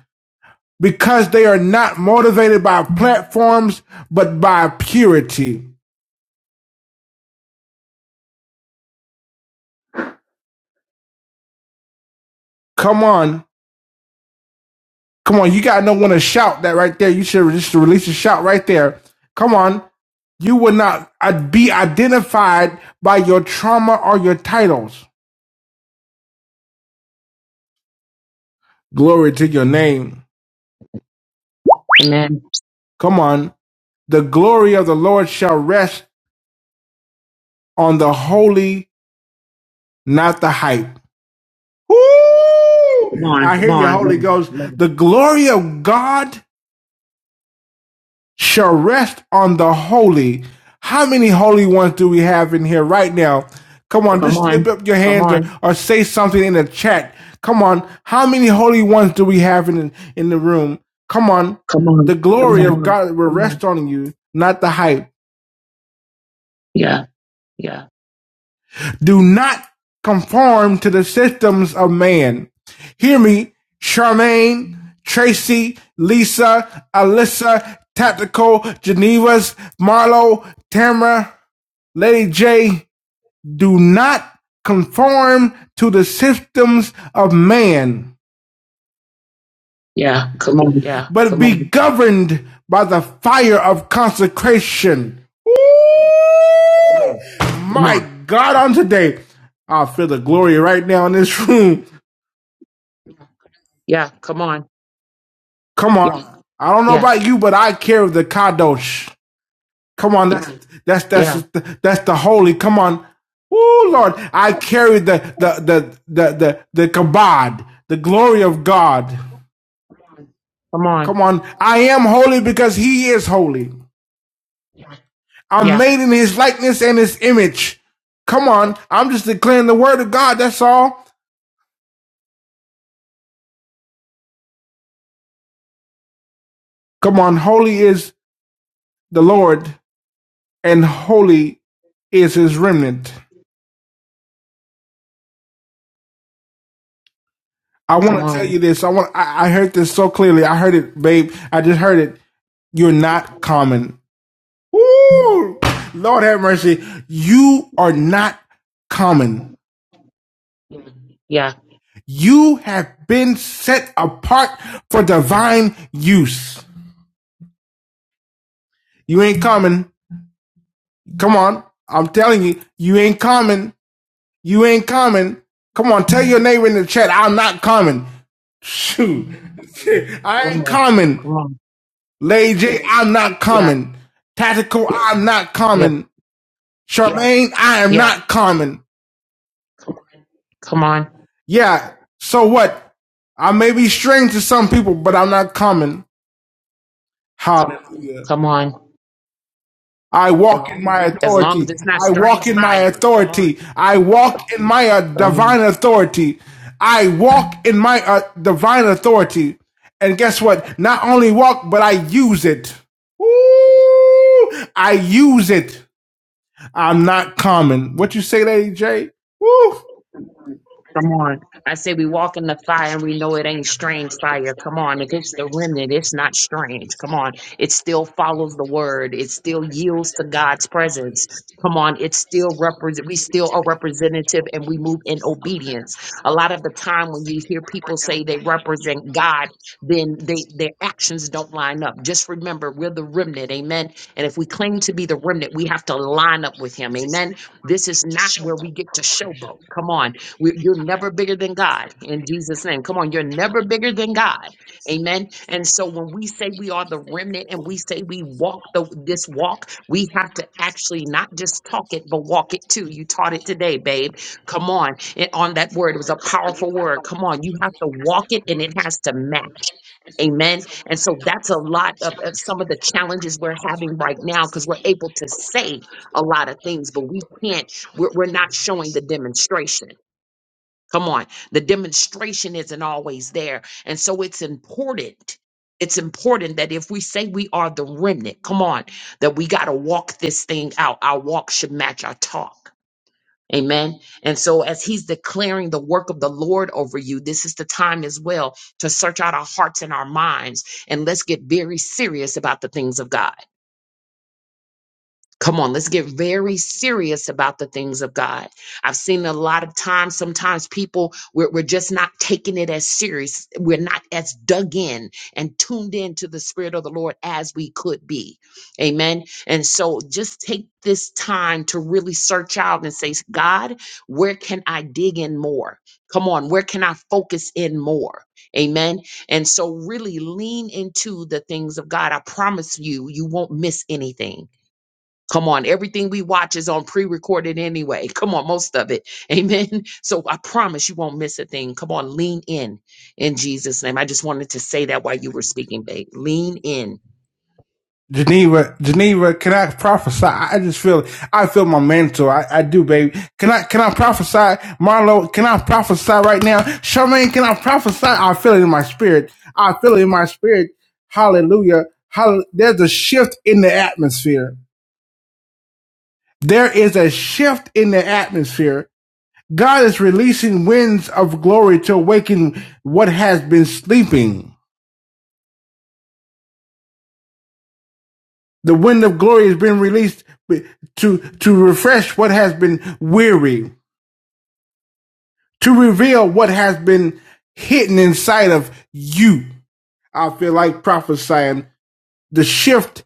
A: because they are not motivated by platforms, but by purity. Come on. Come on. You got to know when to shout that right there. You should just release a shout right there. Come on. You will not uh, be identified by your trauma or your titles. Glory to your name.
B: Amen.
A: Come on. The glory of the Lord shall rest on the holy, not the hype. Woo! Come on. I
B: Come
A: hear you,
B: on.
A: Holy Ghost. The glory of God shall rest on the holy. How many holy ones do we have in here right now? Come on, Come just lift up your
B: Come
A: hands or,
B: on.
A: or say something in the chat. Come on. How many holy ones do we have in, in the room? Come on. Come on. The Come glory Come
B: Come
A: on. of
B: on.
A: God will
B: Come
A: rest
B: on.
A: on you, not the hype. Yeah.
B: Yeah.
A: Do not conform to the systems of man. Hear me, Charmaine, Tracy, Lisa, Alyssa, Tactical, Geneva's, Marlo, Tamara, Lady J. Do not conform to the systems of man, Yeah, come on.
B: Yeah.
A: but
B: Come
A: be
B: on.
A: governed by the fire of consecration.
B: Come
A: My
B: on.
A: God, on today, I feel the glory right now in this room.
B: Yeah. Come on.
A: Come on. I don't know
B: Yeah.
A: about you, but I carry the kadosh. Come on, that's that's that's
B: Yeah.
A: the, that's the holy. Come on. oh Lord. I carry the the the the the, the kabod, the glory of God.
B: Come on.
A: Come on. I am holy because he is holy. I'm
B: Yeah.
A: made in his likeness and his image. Come on. I'm just declaring the word of God, that's all. Come on, holy is the Lord, and holy is his remnant. I
B: Come
A: want to tell
B: on.
A: you this. I want. I, I heard this so clearly. I heard it, babe. I just heard it. You're not common. Woo! Lord have mercy. You are not common.
B: Yeah.
A: You have been set apart for divine use. You ain't common. Come on. I'm telling you, you ain't common. You ain't common. Come on, tell your neighbor in the chat, I'm not common. Shoot. I
B: Come
A: ain't
B: on.
A: common.
B: Come on.
A: Lay J, I'm not
B: Yeah.
A: common. Tactical, I'm not
B: Yeah,
A: common. Charmaine, I am
B: yeah.
A: not common.
B: Come on,
A: Yeah, so what? I may be strange to some people, but I'm not common. Hallelujah.
B: come on.
A: I walk in my
B: As long as
A: authority.
B: it's not
A: I walk
B: strange
A: in my
B: fire, come
A: authority.
B: on.
A: I walk in my uh, divine authority. I walk in my uh, divine authority. And guess what? Not only walk, but I use it. Woo! I use it. I'm not common. What you say, Lady J? Woo!
B: Come on. I say we walk in the fire and we know it ain't strange fire. Come on. If it's the remnant, it's not strange. Come on. It still follows the word. It still yields to God's presence. Come on. It still represent we still are representative and we move in obedience. A lot of the time when you hear people say they represent God, then they their actions don't line up. Just remember we're the remnant, amen. And if we claim to be the remnant, we have to line up with him. Amen. This is not where we get to showboat. Come on. We, you're never bigger than God in Jesus' name. Come on, you're never bigger than God. Amen. And so when we say we are the remnant and we say we walk the, this walk, we have to actually not just talk it, but walk it too. You taught it today, babe. Come on. It, on that word, it was a powerful word. Come on. You have to walk it and it has to match. Amen. And so that's a lot of, of some of the challenges we're having right now because we're able to say a lot of things, but we can't, we're, we're not showing the demonstration. Come on. The demonstration isn't always there. And so it's important. It's important that if we say we are the remnant, come on, that we got to walk this thing out. Our walk should match our talk. Amen. And so as he's declaring the work of the Lord over you, this is the time as well to search out our hearts and our minds. And let's get very serious about the things of God. Come on, let's get very serious about the things of God. I've seen a lot of times, sometimes people, we're, we're just not taking it as serious. We're not as dug in and tuned in to the Spirit of the Lord as we could be. Amen. And so just take this time to really search out and say, God, where can I dig in more? Come on, where can I focus in more? Amen. And so really lean into the things of God. I promise you, you won't miss anything Come on, everything we watch is on pre recorded anyway. Come on, most of it. Amen. So I promise you won't miss a thing. Come on, lean in in Jesus' name. I just wanted to say that while you were speaking, babe. Lean in.
A: Geneva, Geneva, can I prophesy? I just feel, I feel my mentor. I, I do, baby. Can I, can I prophesy? Marlo, can I prophesy right now? Charmaine, can I prophesy? I feel it in my spirit. I feel it in my spirit. Hallelujah. Hall- There's a shift in the atmosphere. There is a shift in the atmosphere. God is releasing winds of glory to awaken what has been sleeping. The wind of glory has been released to, to refresh what has been weary, to reveal what has been hidden inside of you. I feel like prophesying the shift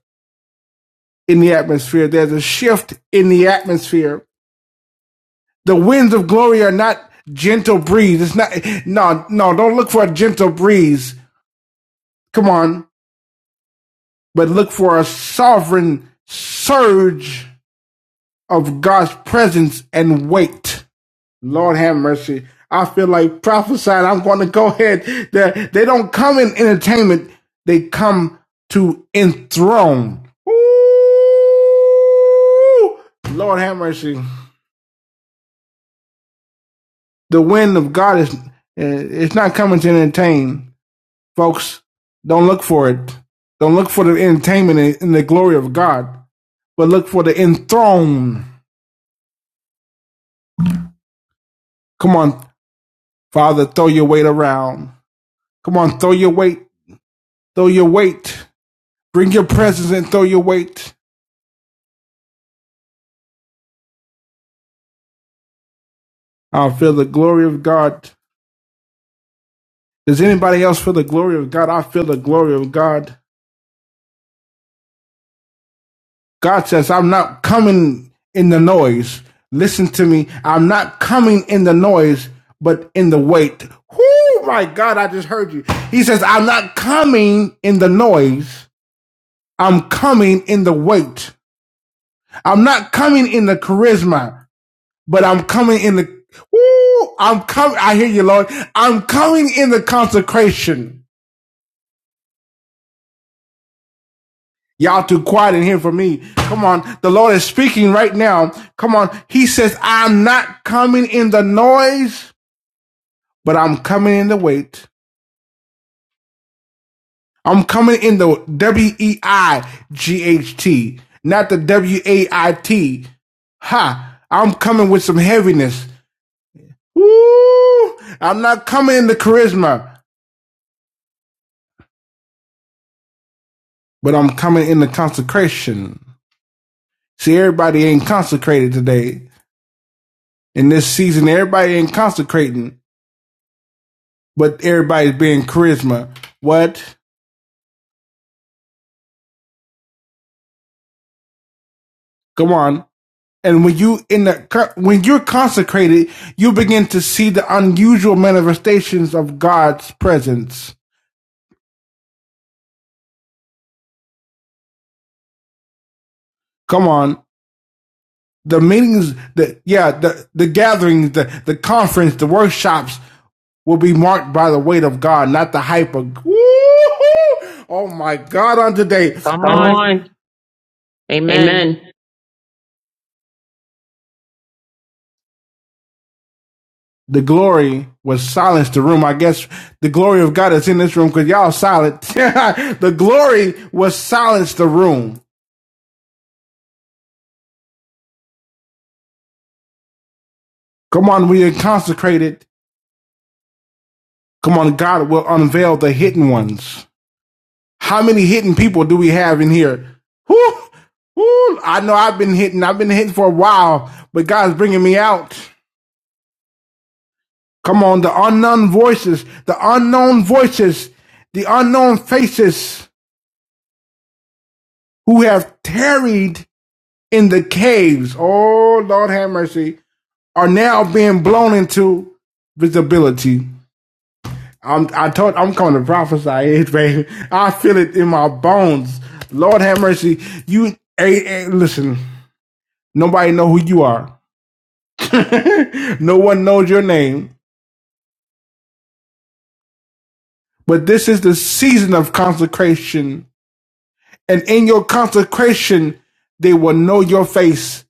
A: in the atmosphere. There's a shift in the atmosphere. The winds of glory are not gentle breeze. It's not, no, no, don't look for a gentle breeze. Come on. But look for a sovereign surge of God's presence and weight Lord have mercy. I feel like prophesying. I'm going to go ahead. They, they don't come in entertainment. They come to enthrone. Ooh, Lord have mercy. The wind of God is eh, it's not coming to entertain, folks. Don't look for it. Don't look for the entertainment in the glory of God, but look for the enthroned. Come on, Father, throw your weight around. Come on, throw your weight. Throw your weight. Bring your presence and throw your weight. I feel the glory of God. Does anybody else feel the glory of God? I feel the glory of God. God says, I'm not coming in the noise. Listen to me. I'm not coming in the noise, but in the weight. Oh my God, I just heard you. He says, I'm not coming in the noise. I'm coming in the weight. I'm not coming in the charisma. but I'm coming in the, Woo! I'm coming, I hear you, Lord. I'm coming in the consecration. Y'all too quiet in here for me. Come on. The Lord is speaking right now. Come on. He says, I'm not coming in the noise, but I'm coming in the weight. I'm coming in the W E I G H T, not the W A I T. Ha! I'm coming with some heaviness. Woo! I'm not coming in the charisma, but I'm coming in the consecration. See, everybody ain't consecrated today. In this season, everybody ain't consecrating, but everybody's being charisma. What? Come on. And when you in the when you're consecrated, you begin to see the unusual manifestations of God's presence. Come on. The meetings, the yeah, the the gatherings, the the conference, the workshops will be marked by the weight of God, not the hype of. Woo-hoo! Oh my God! On today, Come
B: Come
A: oh,
B: on.
A: on.
B: Amen.
A: Amen. the glory was silenced the room. I guess the glory of God is in this room because y'all silent. the glory was silenced the room. Come on, we are consecrated. Come on, God will unveil the hidden ones. How many hidden people do we have in here? Whew, whew, I know I've been hidden. I've been hidden for a while, but God's bringing me out. Come on, the unknown voices, the unknown voices, the unknown faces who have tarried in the caves, oh Lord have mercy, are now being blown into visibility. I'm I told I'm coming to prophesy it, baby. I feel it in my bones. Lord have mercy. You hey, hey, listen, nobody know who you are. no one knows your name. But this is the season of consecration. And in your consecration, they will know your face.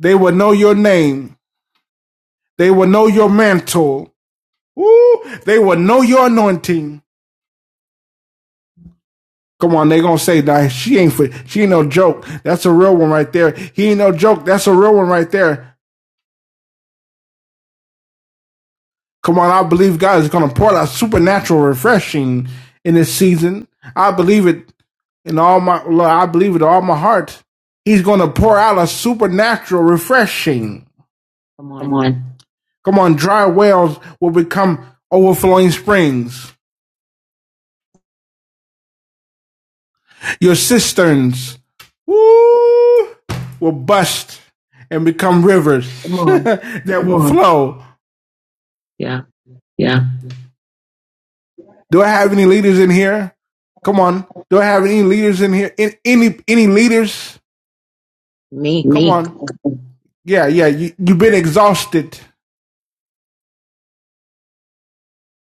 A: They will know your name. They will know your mantle. Woo! They will know your anointing. Come on, they gonna say that she ain't for she ain't no joke. That's a real one right there. He ain't no joke. That's a real one right there. Come on, I believe God is gonna pour out supernatural refreshing in this season. I believe it in all my Lord, I believe it in all my heart. He's gonna pour out a supernatural refreshing.
B: Come
A: Come
B: on.
A: on. Come on, dry wells will become overflowing springs. Your cisterns woo, will bust and become rivers
B: Come on.
A: that will flow.
B: Yeah,
A: Yeah. Do I have any leaders in here? Come on. Do I have any leaders in here? In, any any leaders? Come
B: me. Come
A: on.
B: on.
A: Yeah, yeah. You, you've been exhausted.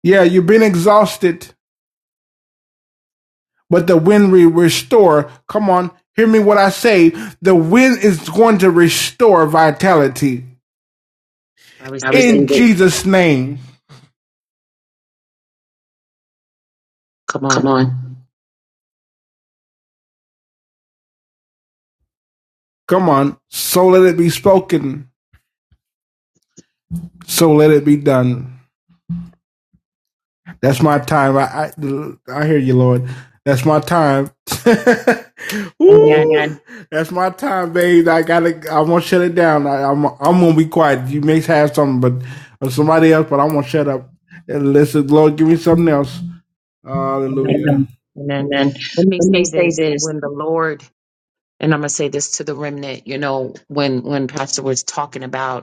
A: Yeah, you've been exhausted. But the wind will restore. Come on. Hear me what I say. The wind is going to restore vitality
B: I
A: in
B: receive it.
A: Jesus' name.
B: Come
A: Come
B: on.
A: on. Come on, so let it be spoken, so let it be done. That's my time. I I, I hear you, Lord. That's my time. Woo!
B: Amen.
A: That's my time, babe. I gotta. I'm gonna shut it down. I, I'm. I'm gonna be quiet. You may have something, but or somebody else. But I'm gonna shut up and listen. Lord, give me something else. Hallelujah.
B: Amen.
A: Amen.
B: Amen.
A: Amen.
B: Let me
A: Let me
B: say
A: say
B: this
A: this.
B: when the Lord, and I'm going to say this to the remnant, you know, when, when Pastor was talking about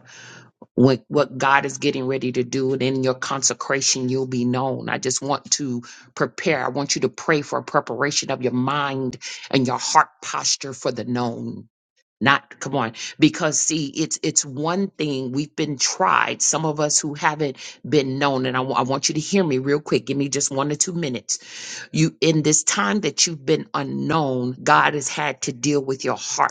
B: what what God is getting ready to do, and in your consecration, you'll be known. I just want to prepare. I want you to pray for a preparation of your mind and your heart posture for the known. Not come on, because see, it's it's one thing we've been tried. Some of us who haven't been known, and I wa- I want you to hear me real quick. Give me just one or two minutes. You in this time that you've been unknown, God has had to deal with your heart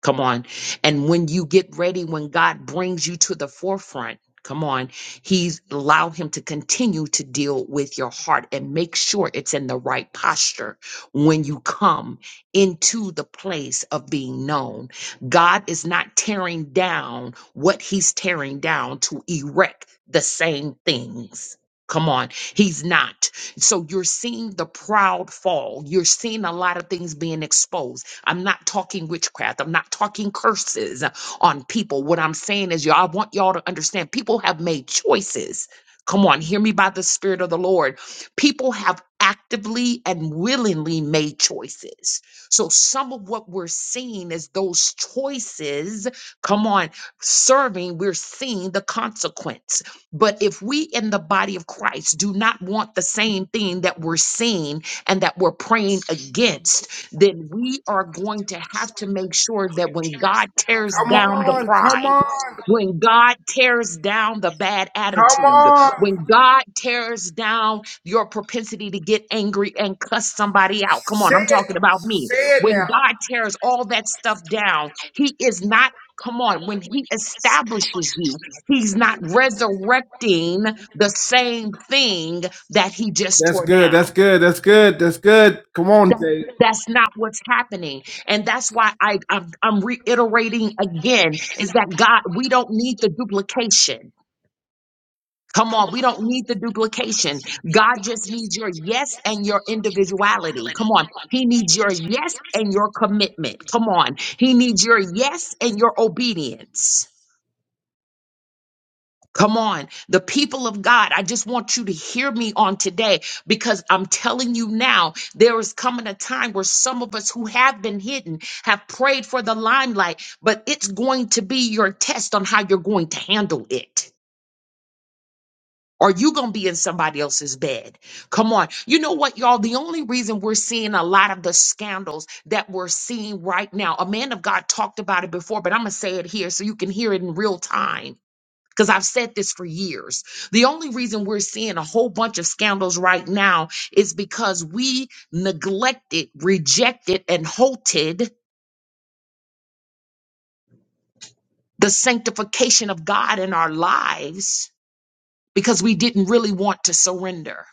B: Come on. And when you get ready, when God brings you to the forefront, come on, He's allow Him to continue to deal with your heart and make sure it's in the right posture when you come into the place of being known. God is not tearing down what He's tearing down to erect the same things. Come on, he's not. So you're seeing the proud fall. You're seeing a lot of things being exposed I'm not talking witchcraft. I'm not talking curses on people. What I'm saying is, y'all, I want y'all to understand people have made choices. Come on, hear me by the Spirit of the Lord. People have actively and willingly made choices. So, some of what we're seeing is those choices, come on, serving, we're seeing the consequence. But if we in the body of Christ do not want the same thing that we're seeing and that we're praying against, then we are going to have to make sure that when God tears
A: Come
B: down the
A: on, come
B: pride,
A: on.
B: when God tears down the bad
A: Come
B: attitude,
A: on.
B: when God tears down your propensity to get angry and cuss somebody out, come
A: Say
B: on, I'm
A: it.
B: talking about me.
A: Say it now.
B: When God tears all that stuff down, He is not. Come on, when he establishes you, he's not resurrecting the same thing that he just
A: That's
B: tore
A: good.
B: down.
A: That's good. That's good. That's good. Come on, Jay.
B: That's not what's happening. And that's why I, I'm, I'm reiterating again is that God, we don't need the duplication. Come on, we don't need the duplication. God just needs your yes and your individuality. Come on. He needs your yes and your commitment. Come on. He needs your yes and your obedience. Come on, the people of God. I just want you to hear me on today because I'm telling you now, there is coming a time where some of us who have been hidden have prayed for the limelight, but it's going to be your test on how you're going to handle it. Are you going to be in somebody else's bed? Come on. You know what, y'all? The only reason we're seeing a lot of the scandals that we're seeing right now, a man of God talked about it before, but I'm going to say it here so you can hear it in real time because I've said this for years. The only reason we're seeing a whole bunch of scandals right now is because we neglected, rejected, and halted the sanctification of God in our lives because we didn't really want to surrender.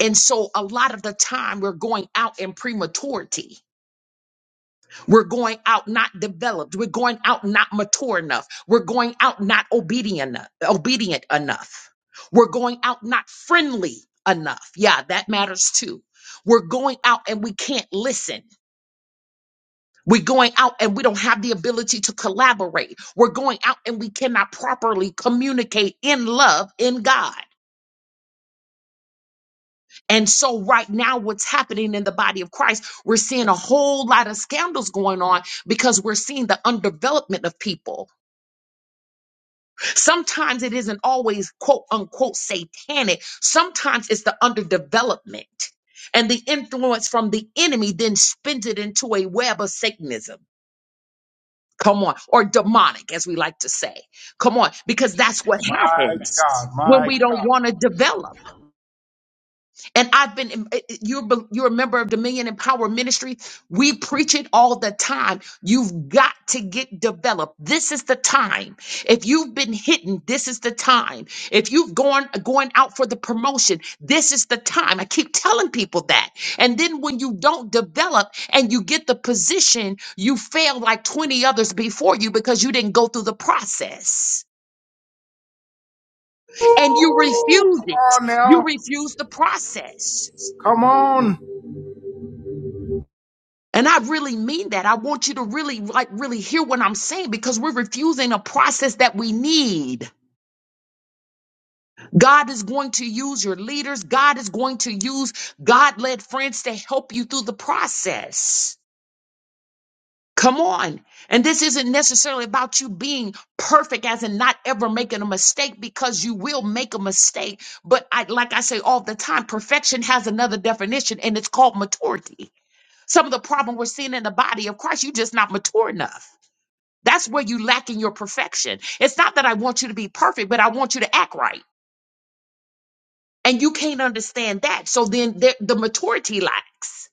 B: And so a lot of the time we're going out in prematurity We're going out not developed. We're going out not mature enough. We're going out not obedient enough, obedient enough. We're going out not friendly enough. Yeah, that matters too. We're going out and we can't listen. We're going out and we don't have the ability to collaborate. We're going out and we cannot properly communicate in love in God. And so, right now, what's happening in the body of Christ, we're seeing a whole lot of scandals going on because we're seeing the underdevelopment of people Sometimes it isn't always quote unquote satanic. Sometimes it's the underdevelopment and the influence from the enemy then spins it into a web of Satanism. Come on, or demonic, as we like to say. Come on, because that's what
A: My
B: happens
A: God.
B: when
A: My. God.
B: we don't want to develop. And I've been, you're, you're a member of Dominion and Power Ministry. We preach it all the time. You've got to get developed. This is the time. If you've been hidden, this is the time. If you've gone, going out for the promotion, this is the time. I keep telling people that. And then when you don't develop and you get the position, you fail like 20 others before you because you didn't go through the process and you refuse
A: Come
B: it.
A: on
B: You
A: now.
B: refuse the process.
A: Come on.
B: And I really mean that. I want you to really, like, really hear what I'm saying because we're refusing a process that we need. God is going to use your leaders. God is going to use God led friends to help you through the process. Come on. And this isn't necessarily about you being perfect as in not ever making a mistake because you will make a mistake. But I, like I say all the time, perfection has another definition and it's called maturity. Some of the problem we're seeing in the body of Christ, you're just not mature enough. That's where you lack in your perfection. It's not that I want you to be perfect, but I want you to act right. And you can't understand that. So then the, the maturity lacks.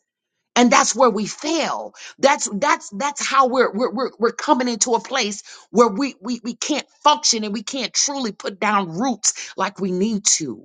B: And that's where we fail. That's that's that's how we're we're we're, we're coming into a place where we, we we can't function and we can't truly put down roots like we need to.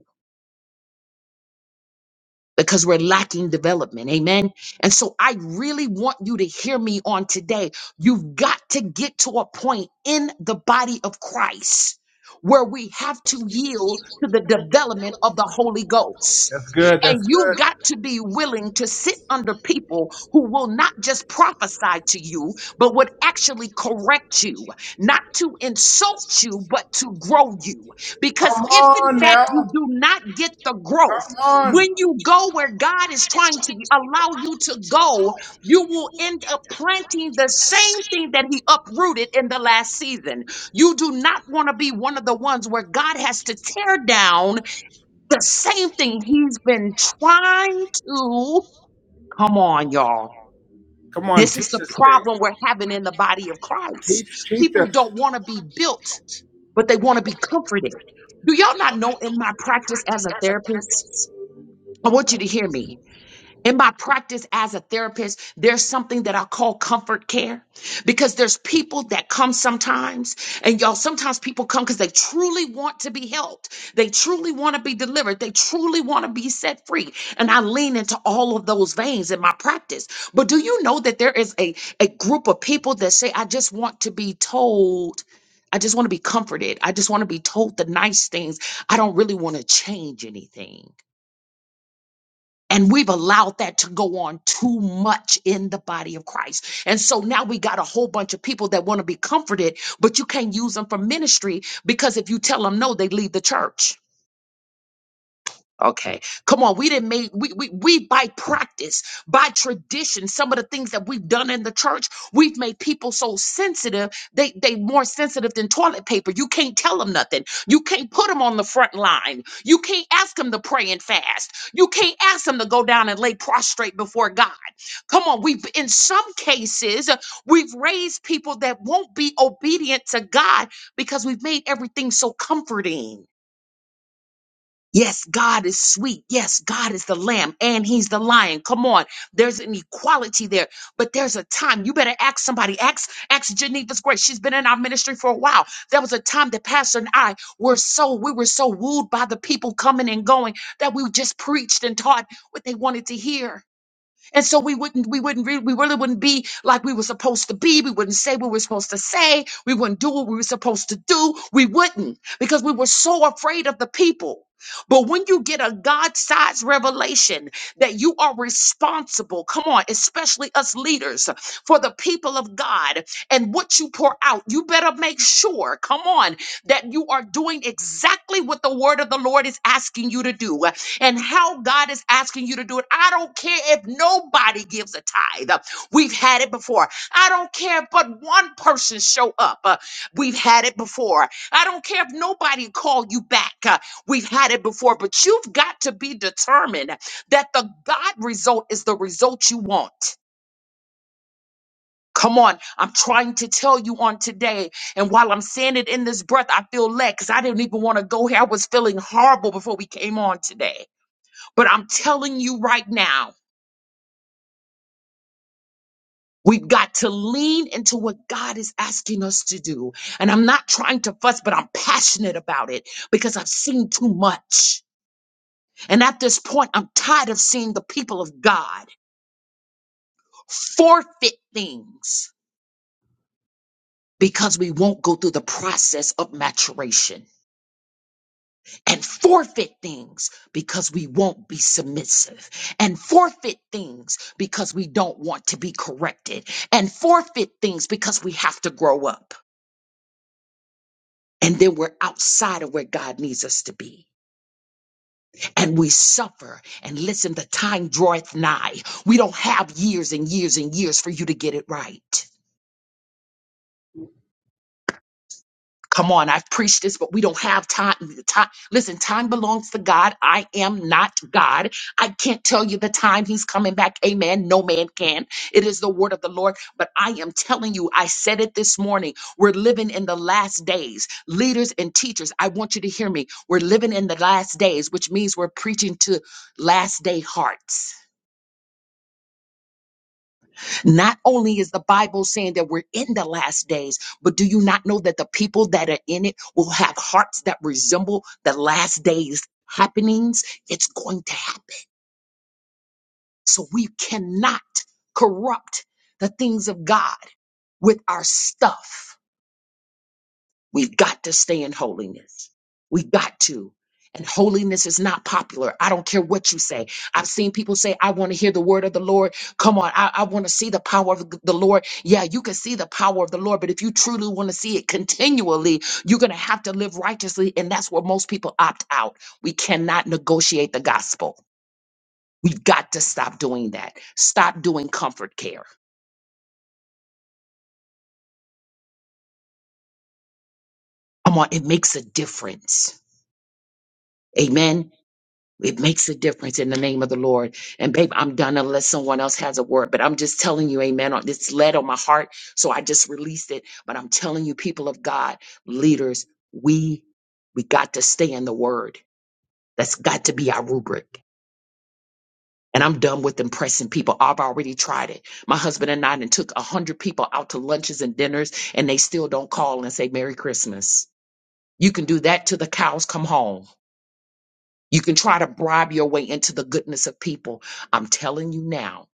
B: because we're lacking development. Amen. And so I really want you to hear me on today. You've got to get to a point in the body of Christ where we have to yield to the development of the Holy Ghost.
A: That's good.
B: And
A: That's
B: you've
A: good.
B: got to be willing to sit under people who will not just prophesy to you, but would actually correct you, not to insult you, but to grow you. Because
A: Come
B: if in
A: on
B: fact
A: now.
B: you do not get the growth,
A: Come on.
B: when you go where God is trying to allow you to go, you will end up planting the same thing that He uprooted in the last season. You do not want to be one of the ones where God has to tear down the same thing He's been trying to. Come on, y'all.
A: Come on.
B: This is
A: Teach
B: the
A: us, Jay.
B: problem we're having in the body of Christ.
A: Teach, teach
B: People
A: us.
B: don't want to be built, but they want to be comforted. Do y'all not know in my practice as a therapist? I want you to hear me. In my practice as a therapist, there's something that I call comfort care because there's people that come sometimes, and y'all, sometimes people come because they truly want to be helped. They truly want to be delivered. They truly want to be set free. And I lean into all of those veins in my practice. But do you know that there is a, a group of people that say, I just want to be told. I just want to be comforted. I just want to be told the nice things. I don't really want to change anything. And we've allowed that to go on too much in the body of Christ. And so now we got a whole bunch of people that want to be comforted, but you can't use them for ministry because if you tell them no, they leave the church. Okay. Come on. We didn't make we we we by practice, by tradition, some of the things that we've done in the church, we've made people so sensitive, they they more sensitive than toilet paper. You can't tell them nothing. You can't put them on the front line. You can't ask them to pray and fast. You can't ask them to go down and lay prostrate before God. Come on, we've in some cases uh, we've raised people that won't be obedient to God because we've made everything so comforting. Yes, God is sweet. Yes, God is the lamb and he's the lion. Come on. There's an equality there, but there's a time. You better ask somebody. Ask, ask Geneva's grace. She's been in our ministry for a while. There was a time that Pastor and I were so, we were so wooed by the people coming and going that we just preached and taught what they wanted to hear and so we wouldn't, we wouldn't, re- we really wouldn't be like we were supposed to be. We wouldn't say what we were supposed to say. We wouldn't do what we were supposed to do. We wouldn't because we were so afraid of the people. But when you get a God-sized revelation that you are responsible, come on, especially us leaders, for the people of God and what you pour out, you better make sure, come on, that you are doing exactly what the word of the Lord is asking you to do and how God is asking you to do it. I don't care if nobody gives a tithe. Uh, We've had it before. I don't care if but one person show up. Uh, We've had it before. I don't care if nobody call you back. Uh, We've had it before, but you've got to be determined that the God result is the result you want. Come on, I'm trying to tell you on today. And while I'm saying it in this breath, I feel led because I didn't even want to go here. I was feeling horrible before we came on today. But I'm telling you right now, we've got to lean into what God is asking us to do. And I'm not trying to fuss, but I'm passionate about it because I've seen too much. And at this point, I'm tired of seeing the people of God forfeit things because we won't go through the process of maturation. and forfeit things because we won't be submissive and forfeit things because we don't want to be corrected and forfeit things because we have to grow up and then we're outside of where God needs us to be and we suffer and listen the time draweth nigh we don't have years and years and years for you to get it right Come on, I've preached this, but we don't have time. time. Listen, time belongs to God. I am not God. I can't tell you the time He's coming back. Amen. No man can. It is the word of the Lord. But I am telling you, I said it this morning. We're living in the last days. Leaders and teachers, I want you to hear me. We're living in the last days, which means we're preaching to last day hearts not only is the Bible saying that we're in the last days, but do you not know that the people that are in it will have hearts that resemble the last days happenings? It's going to happen. So we cannot corrupt the things of God with our stuff. We've got to stay in holiness. We got to. And holiness is not popular. I don't care what you say. I've seen people say, I want to hear the word of the Lord. Come on, I, I want to see the power of the Lord. Yeah, you can see the power of the Lord, but if you truly want to see it continually, you're going to have to live righteously. And that's where most people opt out. We cannot negotiate the gospel. We've got to stop doing that. Stop doing comfort care. Come on, it makes a difference. Amen. It makes a difference in the name of the Lord. And babe, I'm done unless someone else has a word, but I'm just telling you, amen. on- It's led on my heart. So I just released it. But I'm telling you, people of God, leaders, we, we got to stay in the word. That's got to be our rubric. And I'm done with impressing people. I've already tried it. My husband and I done took a hundred people out to lunches and dinners and they still don't call and say Merry Christmas. You can do that till the cows come home. You can try to bribe your way into the goodness of people. I'm telling you now,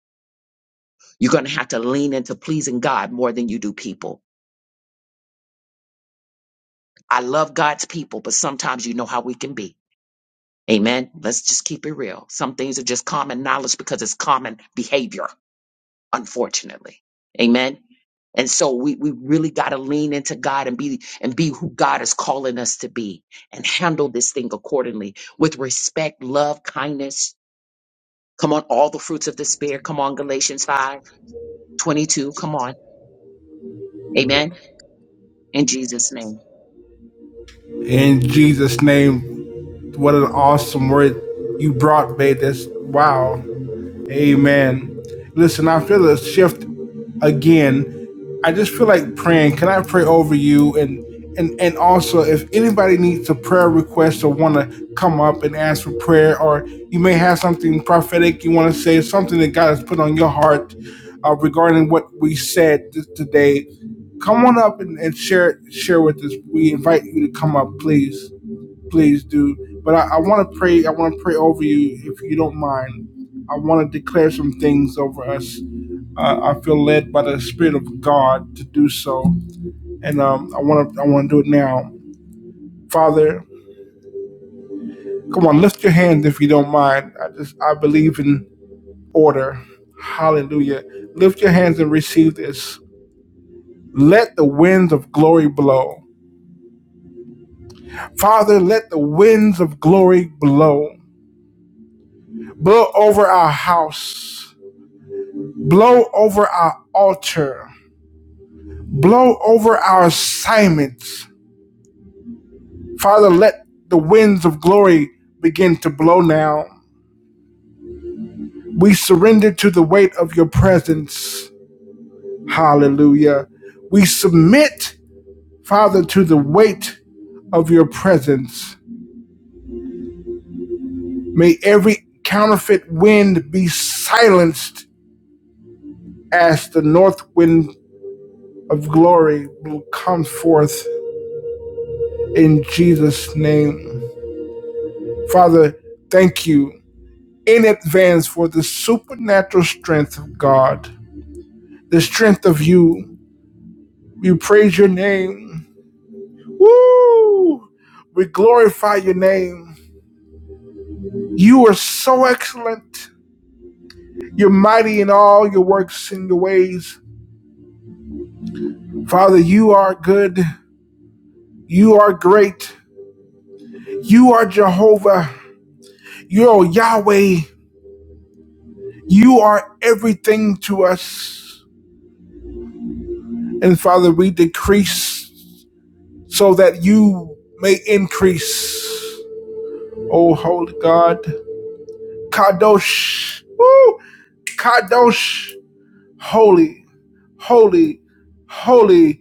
B: you're going to have to lean into pleasing God more than you do people. I love God's people, but sometimes you know how we can be. Amen. Let's just keep it real. Some things are just common knowledge because it's common behavior, unfortunately. Amen. And so we, we really got to lean into God and be and be who God is calling us to be and handle this thing accordingly with respect, love, kindness. Come on, all the fruits of the spirit. Come on, Galatians 5 22. Come on. Amen. In Jesus' name.
A: In Jesus' name, what an awesome word you brought, babe. That's wow. Amen. Listen, I feel a shift again. I just feel like praying. Can I pray over you? And and and also, if anybody needs a prayer request or want to come up and ask for prayer, or you may have something prophetic you want to say, something that God has put on your heart uh, regarding what we said th- today, come on up and, and share share with us. We invite you to come up, please please do. But I, I want to pray. I want to pray over you if you don't mind. I want to declare some things over us. Uh, I feel led by the Spirit of God to do so, and um, I want to. I want to do it now, Father. Come on, lift your hands if you don't mind. I just I believe in order. Hallelujah. Lift your hands and receive this. Let the winds of glory blow. Father, let the winds of glory blow. Blow over our house. Blow over our altar. Blow over our assignments. Father, let the winds of glory begin to blow now. We surrender to the weight of your presence. Hallelujah. We submit, Father, to the weight of your presence. May every counterfeit wind be silenced as the north wind of glory will come forth in Jesus' name. Father, thank you in advance for the supernatural strength of God, the strength of you. We praise your name. Woo! We glorify your name. You are so excellent. You're mighty in all your works and your ways. Father, you are good. You are great. You are Jehovah. You are Yahweh. You are everything to us. And Father, we decrease so that you may increase. Oh, holy God. Kadosh. Woo. Kadosh. Holy, holy, holy,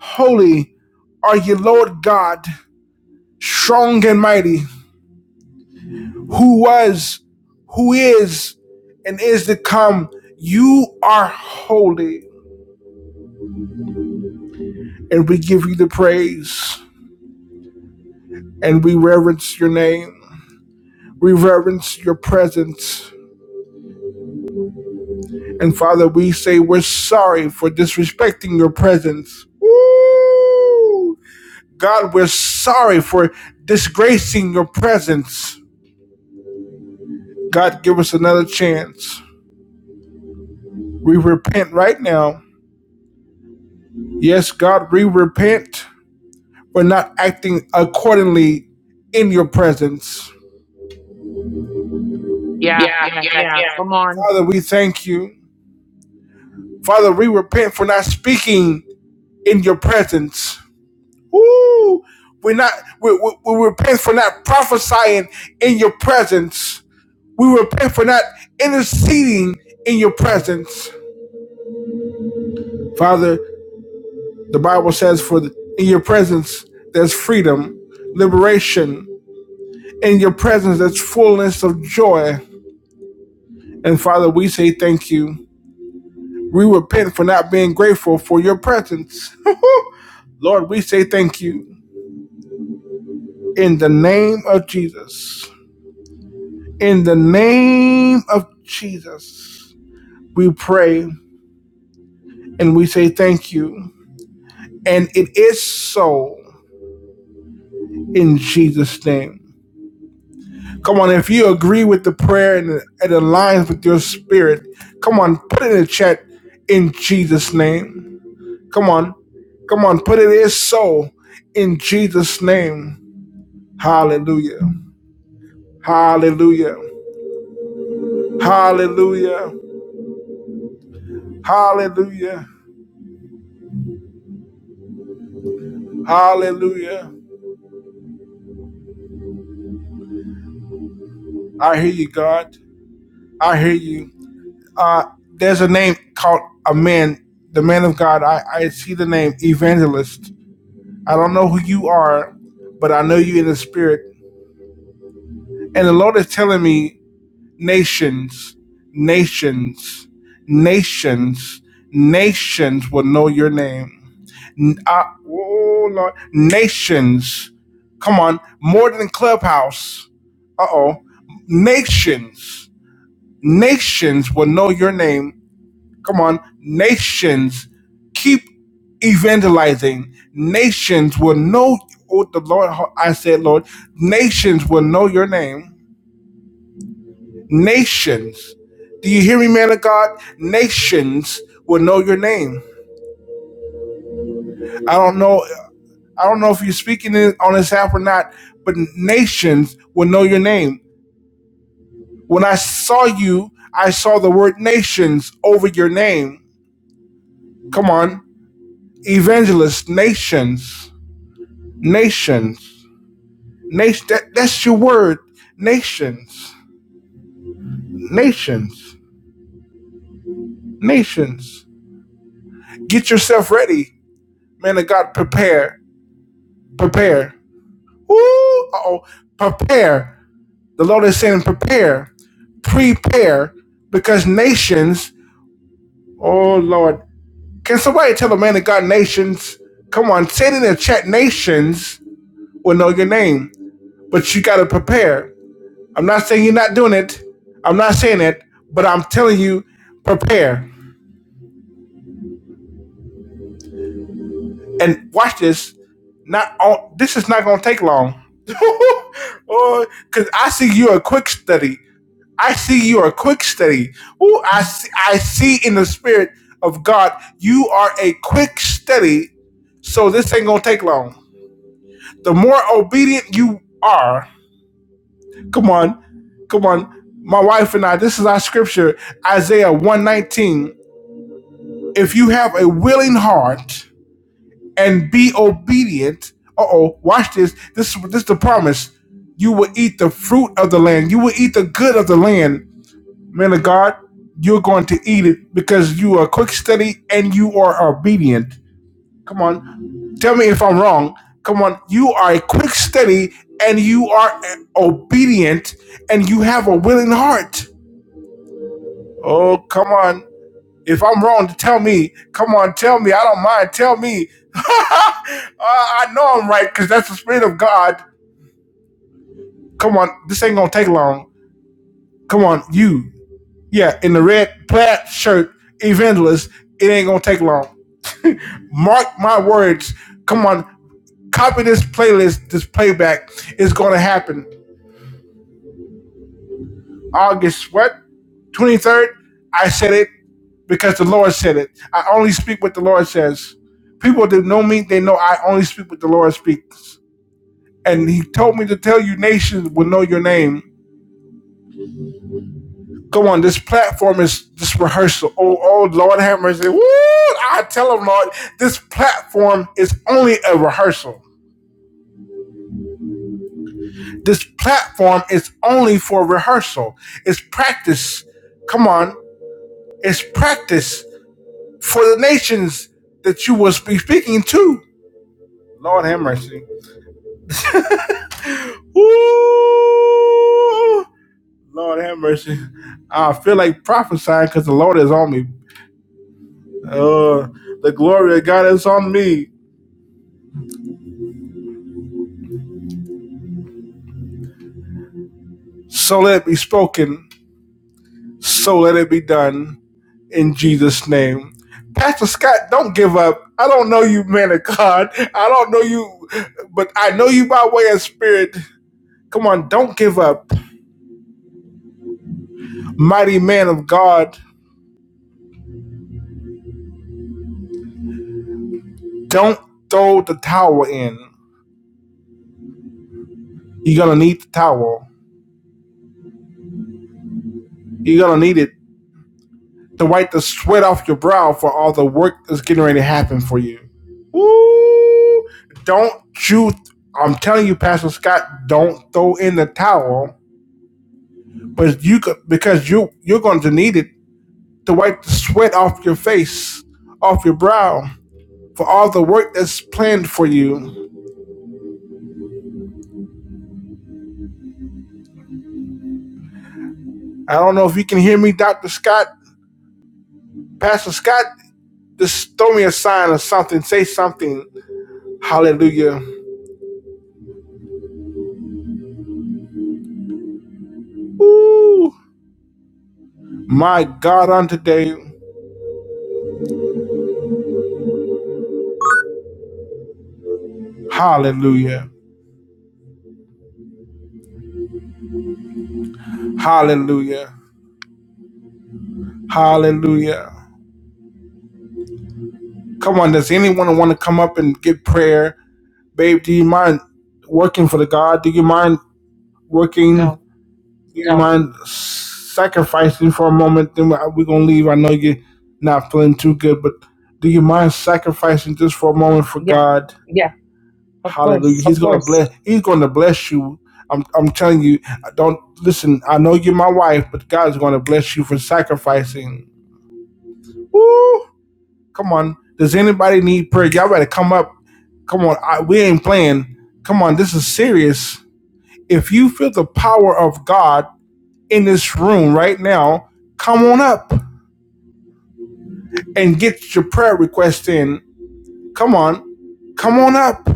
A: holy are you, Lord God, strong and mighty, who was, who is, and is to come. You are holy. And we give you the praise. And we reverence your name. We reverence your presence. And Father, we say we're sorry for disrespecting your presence. Woo! God, we're sorry for disgracing your presence. God, give us another chance. We repent right now. Yes, God, we repent. We're not acting accordingly in your presence.
B: Yeah, yeah, yeah. Come on.
A: Father, we thank you. Father, we repent for not speaking in your presence. Woo! We're not, we, we, we repent for not prophesying in your presence. We repent for not interceding in your presence. Father, The Bible says, "For in your presence there's freedom, liberation. In your presence there's fullness of joy." And Father, we say thank you. We repent for not being grateful for your presence. Lord, we say thank you in the name of Jesus. In the name of Jesus, we pray and we say thank you. And it is so in Jesus' name. Come on, if you agree with the prayer and it aligns with your spirit, come on, put it in the chat in Jesus' name. Come on, come on, put it is so in Jesus' name. Hallelujah. Hallelujah. Hallelujah. Hallelujah. Hallelujah. I hear you, God. I hear you. Uh, there's a name called a man, the man of God. I, I see the name evangelist. I don't know who you are, but I know you in the spirit. And the Lord is telling me, nations, nations, nations, nations will know your name. N- I- oh Lord, nations. Come on, more than Clubhouse. Uh oh, nations, nations will know your name Come on, nations keep evangelizing. Nations will know what the Lord. I said, Lord, nations will know your name. Nations, do you hear me, man of God? Nations will know your name. I don't know. I don't know if you're speaking on this app or not, but nations will know your name. When I saw you, I saw the word nations over your name. Come on, evangelists, nations, nations. Nation, that, that's your word. Nations, nations, nations. Get yourself ready. Man of God, prepare, prepare. Woo! Uh-oh, prepare. The Lord is saying prepare, prepare, because nations, oh Lord. Can somebody tell the man of God nations? Come on, say it in the chat. Nations will know your name, but you got to prepare. I'm not saying you're not doing it. I'm not saying it, but I'm telling you, prepare and watch this. Not on. This is not gonna take long. or because I see you a quick study. I see you a quick study. Ooh, I see, I see in the spirit of God, you are a quick study. So this ain't gonna take long. The more obedient you are, come on, come on. My wife and I, this is our scripture, Isaiah 119. If you have a willing heart, and be obedient. Uh oh, watch this. This this is the promise. You will eat the fruit of the land. You will eat the good of the land. Man of God, you're going to eat it because you are quick study and you are obedient. Come on. Tell me if I'm wrong. Come on. You are a quick study and you are obedient and you have a willing heart. Oh, come on. If I'm wrong, tell me. Come on, tell me. I don't mind. Tell me. I I know I'm right because that's the spirit of God. Come on, this ain't gonna take long. Come on, you. Yeah, in the red plaid shirt, evangelist. It ain't gonna take long. Mark my words. Come on, copy this playlist, this playback. It's gonna happen. August what? 23rd. I said it because the Lord said it. I only speak what the Lord says. People that know me, they know I only speak what the Lord speaks. And he told me to tell you nations will know your name. Go on, this platform is this rehearsal. Oh, oh, Lord have mercy. Woo! I tell him, Lord, this platform is only a rehearsal. This platform is only for rehearsal. It's practice. Come on. It's practice. for the nations that you will be speaking to. Lord have mercy. Ooh, Lord have mercy. I feel like prophesying because the Lord is on me. Uh, the glory of God is on me. So let it be spoken. So let it be done in Jesus' name. Pastor Scott, don't give up. I don't know you, man of God. I don't know you, but I know you by way of spirit. Come on, don't give up. Mighty man of God. Don't throw the towel in. You're gonna need the towel. You're gonna need it to wipe the sweat off your brow for all the work that's getting ready to happen for you. Woo! Don't you? I'm telling you, Pastor Scott, don't throw in the towel, but you could because you you're going to need it to wipe the sweat off your face, off your brow for all the work that's planned for you. I don't know if you can hear me, Doctor Scott, Pastor Scott. Just throw me a sign or something. Say something Hallelujah. Ooh, my God, on today. Hallelujah. Hallelujah. Hallelujah. Come on, does anyone want to come up and get prayer? Babe, do you mind working for the God? Do you mind working?
B: No.
A: Do you No. mind sacrificing for a moment? Then we're going to leave. I know you're not feeling too good, but do you mind sacrificing just for a moment for
B: Yeah,
A: God?
B: of
A: Hallelujah.
B: course.
A: Of He's gonna bless he's gonna bless you. I'm I'm telling you, I don't listen, I know you're my wife, but God's gonna bless you for sacrificing. Woo! Come on. Does anybody need prayer? Y'all better come up. Come on, I, we ain't playing. Come on, this is serious. If you feel the power of God in this room right now, come on up and get your prayer request in. Come on, come on up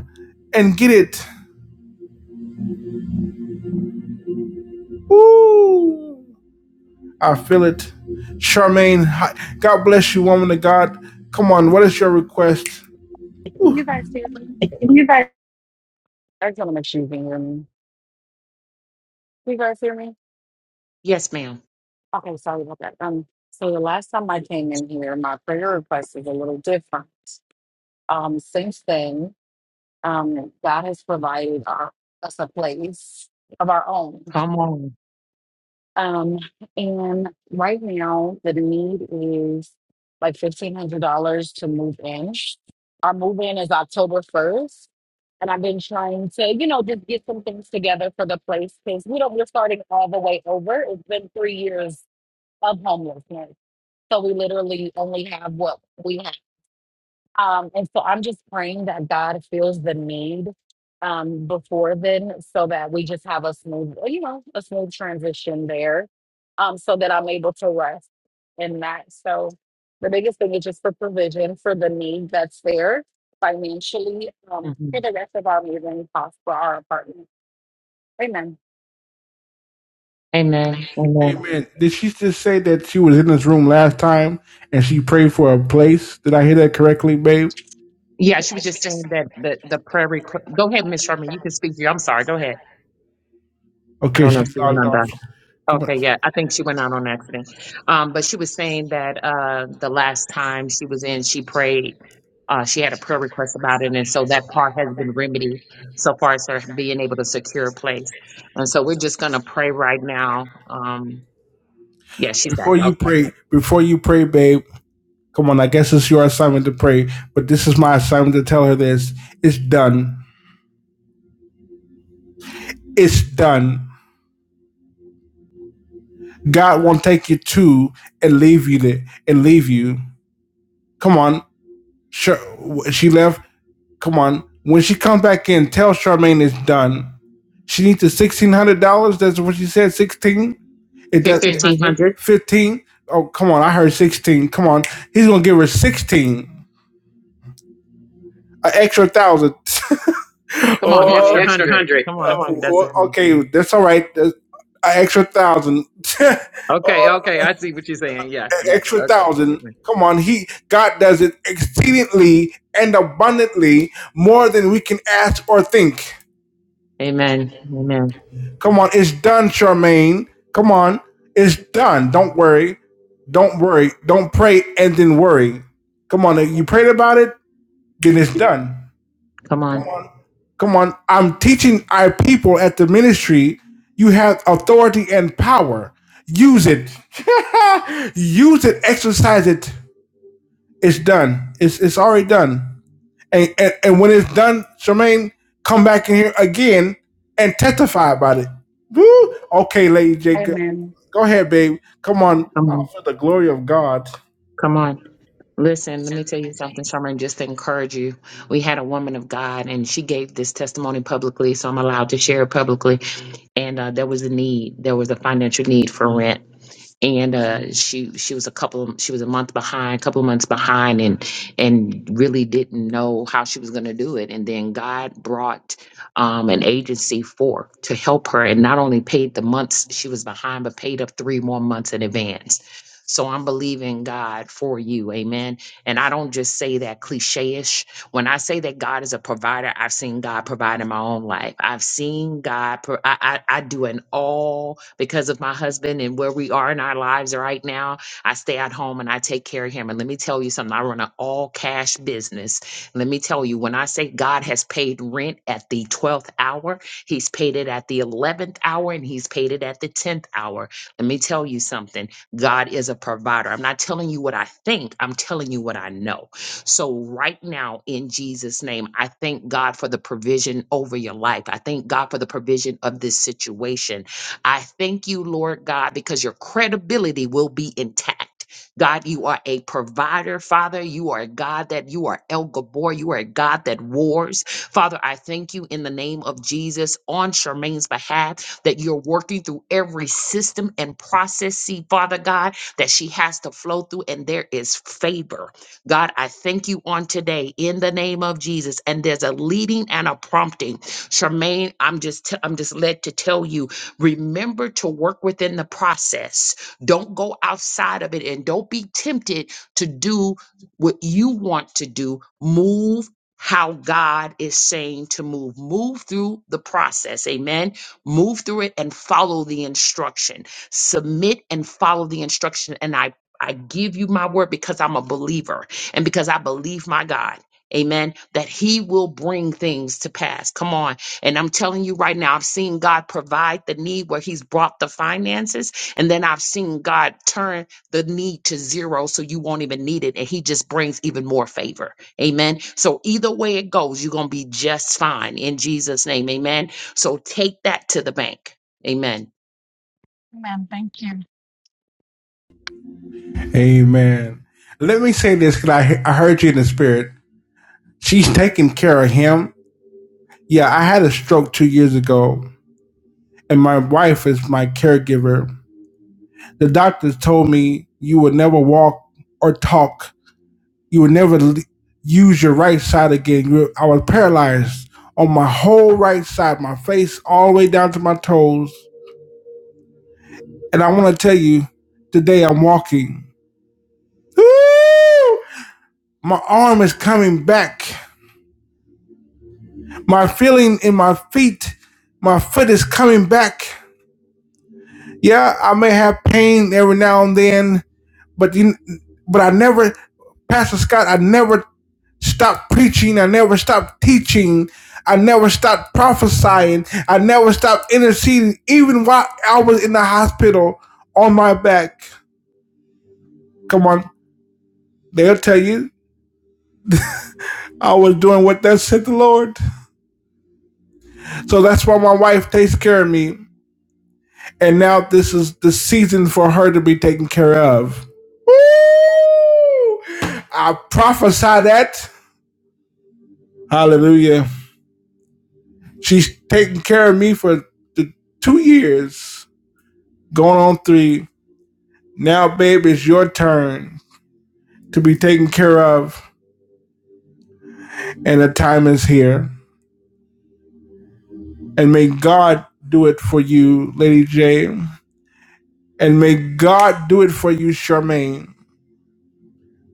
A: and get it. Woo! I feel it. Charmaine, hi- God bless you, woman of God. Come on, what is your request?
C: Can you guys hear me? I just want to make sure you can hear me. You guys hear me?
B: Yes, ma'am.
C: Okay, sorry about that. Um, so the last time I came in here, my prayer request is a little different. Um, since then, um, God has provided our, us a place of our own.
B: Come on.
C: Um, and right now the need is like fifteen hundred dollars to move in. Our move in is October first, and I've been trying to, you know, just get some things together for the place because we don't. We're starting all the way over. It's been three years of homelessness, so we literally only have what we have. Um, and so I'm just praying that God feels the need um, before then, so that we just have a smooth, well, you know, a smooth transition there, um, so that I'm able to rest in that. So the biggest thing is just for provision for the need that's there financially um,
B: hmm
C: for the rest of our moving costs for our apartment. Amen.
B: Amen. Amen.
A: Amen. Did she just say that she was in this room last time and she prayed for a place? Did I hear that correctly, babe?
B: Yeah, she was just saying that the, the prayer request. Go ahead, Miss Sherman. You can speak to you. I'm sorry. Go ahead. I
A: Okay,
B: don't know if
A: she's
B: you went
A: logged off.
B: on
A: Come on.
B: Okay, yeah, I think she went out on accident. Um, but she was saying that uh, the last time she was in, she prayed. Uh, she had a prayer request about it, and so that part has been remedied so far as her being able to secure a place. And so we're just gonna pray right now. Um, yeah, she's got
A: Before you
B: okay,
A: pray, before you pray, babe, come on, I guess it's your assignment to pray, but this is my assignment to tell her this. It's done. It's done. God won't take you to and leave you there and leave you. Come on. Sure, she left. Come on. When she comes back in, tell Charmaine it's done. She needs the sixteen hundred dollars. That's what she said. Sixteen. It does.
B: fifteen hundred.
A: 1500 Fifteen. Oh, come on. I heard sixteen. Come on. He's gonna give her sixteen. An extra thousand.
B: Come
A: Oh,
B: on,
A: Come on, oh, an
B: extra
A: extra
B: hundred.
A: 100
B: Come
A: uh, Come
B: on,
A: on.
B: that's
A: well, okay, that's all right. That's an extra thousand, Uh,
B: okay. Okay,
A: an
B: I see what you're saying. Yeah, yeah.
A: extra
B: Okay.
A: thousand.
B: Amen.
A: Come on, he God does it exceedingly and abundantly more than we can ask or think.
B: Amen. Amen.
A: Come on, it's done, Charmaine. Come on, it's done. Don't worry. Don't worry. Don't pray and then worry. Come on, you prayed about it, then it's done.
B: Come
A: Come
B: on.
A: on. Come on. I'm teaching our people at the ministry you have authority and power. Use it. Use it. Exercise it. It's done. It's, it's already done. And, and and when it's done, Charmaine, come back in here again and testify about it. Woo! Okay, Lady Jacob.
C: Amen.
A: Go go ahead, babe. Come on.
B: Come
A: Oh,
B: on.
A: for the glory of God.
B: Come on. Listen, let me tell you something, Sherman. just to encourage you. We had a woman of God and she gave this testimony publicly, so I'm allowed to share it publicly and uh, there was a need. There was a financial need for rent, and uh, she she was a couple. Of, she was a month behind, a couple of months behind, and and really didn't know how she was going to do it. And then God brought um, an agency forth to help her, and not only paid the months she was behind, but paid up three more months in advance. So I'm believing God for you, Amen. And I don't just say that cliche ish. When I say that God is a provider, I've seen God provide in my own life. I've seen God. Pro- I, I I do an all because of my husband and where we are in our lives right now. I stay at home and I take care of him. And let me tell you something. I run an all cash business. Let me tell you, when I say God has paid rent at the twelfth hour, He's paid it at the eleventh hour, and He's paid it at the tenth hour. Let me tell you something. God is a provider. I'm not telling you what I think. I'm telling you what I know. So, right now, in Jesus' name, I thank God for the provision over your life. I thank God for the provision of this situation. I thank you, Lord God, because your credibility will be intact. God, you are a provider, Father. You are a God that you are El Gabor. You are a God that wars. Father, I thank you in the name of Jesus on Charmaine's behalf that you're working through every system and process, see, Father God, that she has to flow through, and there is favor. God, I thank you on today in the name of Jesus. And there's a leading and a prompting. Charmaine, I'm just t- I'm just led to tell you, remember to work within the process. Don't go outside of it and don't be tempted to do what you want to do. Move how God is saying to move. Move through the process. Amen. Move through it and follow the instruction. Submit and follow the instruction. And I I give you my word because I'm a believer and because I believe my God, amen, that He will bring things to pass. Come on. And I'm telling you right now, I've seen God provide the need where He's brought the finances, and then I've seen God turn the need to zero so you won't even need it, and He just brings even more favor. Amen. So either way it goes, you're going to be just fine in Jesus' name. Amen. So take that to the bank. Amen.
C: Amen. Thank you.
A: Amen. Let me say this because I, I heard you in the spirit. She's taking care of him. Yeah, I had a stroke two years ago, and my wife is my caregiver. The doctors told me you would never walk or talk you would never use your right side again. I was paralyzed on my whole right side, my face all the way down to my toes. And I want to tell you, today I'm walking. Woo! My arm is coming back. My feeling in my feet, my foot is coming back. Yeah, I may have pain every now and then, but you, but I never, Pastor Scott, I never stopped preaching. I never stopped teaching. I never stopped prophesying. I never stopped interceding, even while I was in the hospital on my back. Come on, they'll tell you I was doing what that said the Lord. So that's why my wife takes care of me. And now this is the season for her to be taken care of. Woo! I prophesy that. Hallelujah. She's taken care of me for the two years, going on three Now, babe, it's your turn to be taken care of, and the time is here. And may God do it for you, Lady J. And may God do it for you, Charmaine.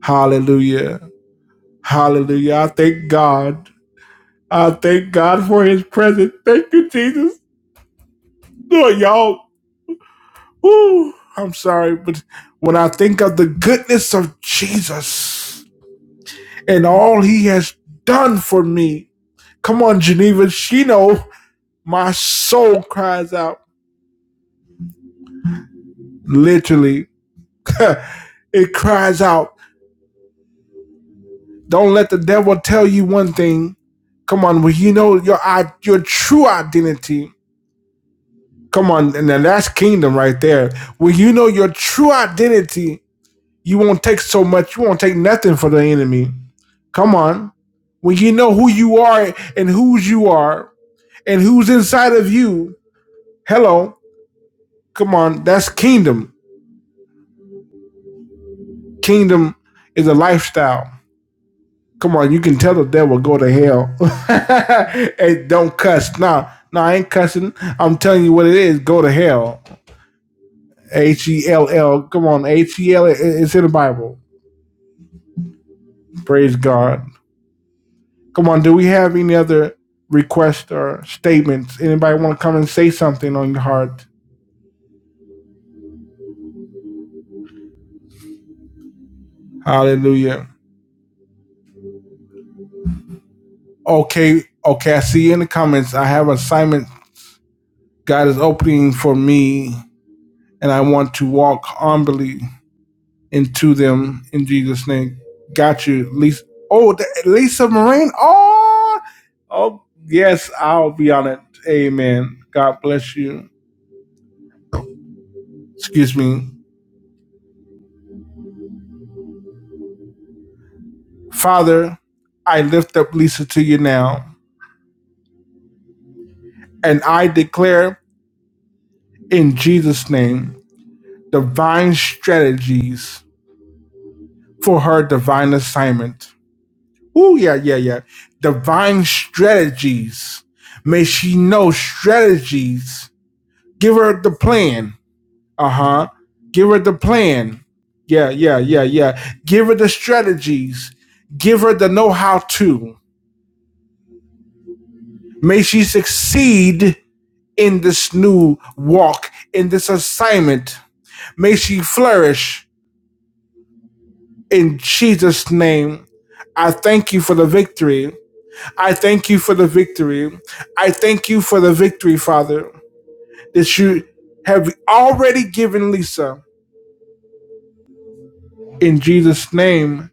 A: Hallelujah. Hallelujah. I thank God. I thank God for his presence. Thank you, Jesus. Lord, y'all. Ooh, I'm sorry, but when I think of the goodness of Jesus and all he has done for me, come on, Geneva, she know. My soul cries out. Literally, it cries out. Don't let the devil tell you one thing. Come on, when you know your your true identity. Come on, and then that's kingdom right there. When you know your true identity, you won't take so much. You won't take nothing for the enemy. Come on, when you know who you are and whose you are and who's inside of you. Hello, come on, that's kingdom. Kingdom is a lifestyle. Come on, you can tell the devil go to hell. hey, don't cuss. Nah, nah, I ain't cussing. I'm telling you what it is. Go to hell. H E L L. Come on, H E L. L. It's in the Bible. Praise God. Come on. Do we have any other requests or statements? Anybody want to come and say something on your heart? Hallelujah. Okay, okay. I see you in the comments. I have an assignment God is opening for me, and I want to walk humbly into them in Jesus' name. Got you, Lisa. Oh, Lisa Moraine. Oh, oh, yes, I'll be on it. Amen. God bless you. Excuse me, Father. I lift up Lisa to you now, and I declare in Jesus' name divine strategies for her divine assignment. Oh, yeah, yeah, yeah. Divine strategies. May she know strategies. Give her the plan Uh huh. Give her the plan. Yeah, yeah, yeah, yeah. Give her the strategies. Give her the know how to. May she succeed in this new walk, in this assignment. May she flourish in Jesus' name. I thank you for the victory. I thank you for the victory. I thank you for the victory, Father, that you have already given Lisa. In Jesus' name,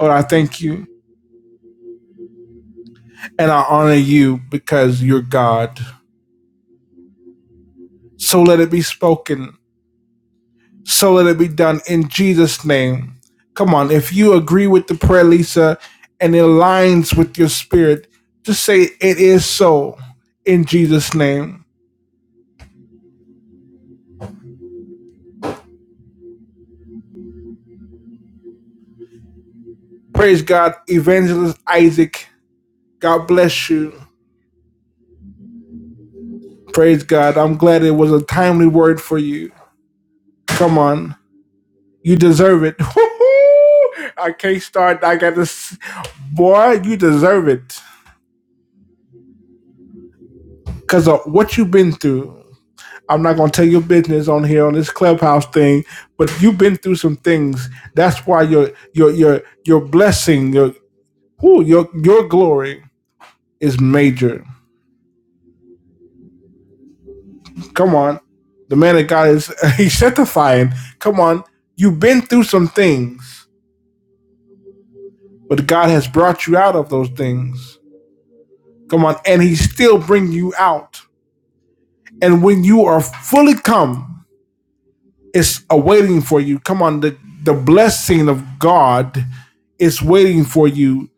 A: Lord, I thank you. and I honor you because you're God. So let it be spoken. So let it be done in Jesus' name. Come on, if you agree with the prayer, Lisa, and it aligns with your spirit, just say it is so in Jesus' name. Praise God, Evangelist Isaac. God bless you. Praise God. I'm glad it was a timely word for you. Come on, you deserve it. I can't start. I got this. Boy, you deserve it. because of what you've been through. I'm not gonna tell your business on here on this clubhouse thing, but you've been through some things. That's why your your your your blessing, your ooh, your your glory is major. Come on, the man of God is he's sanctifying. Come on, you've been through some things, but God has brought you out of those things. Come on, and He's still bringing you out. And when you are fully come. is awaiting for you. Come on, the, the blessing of God is waiting for you.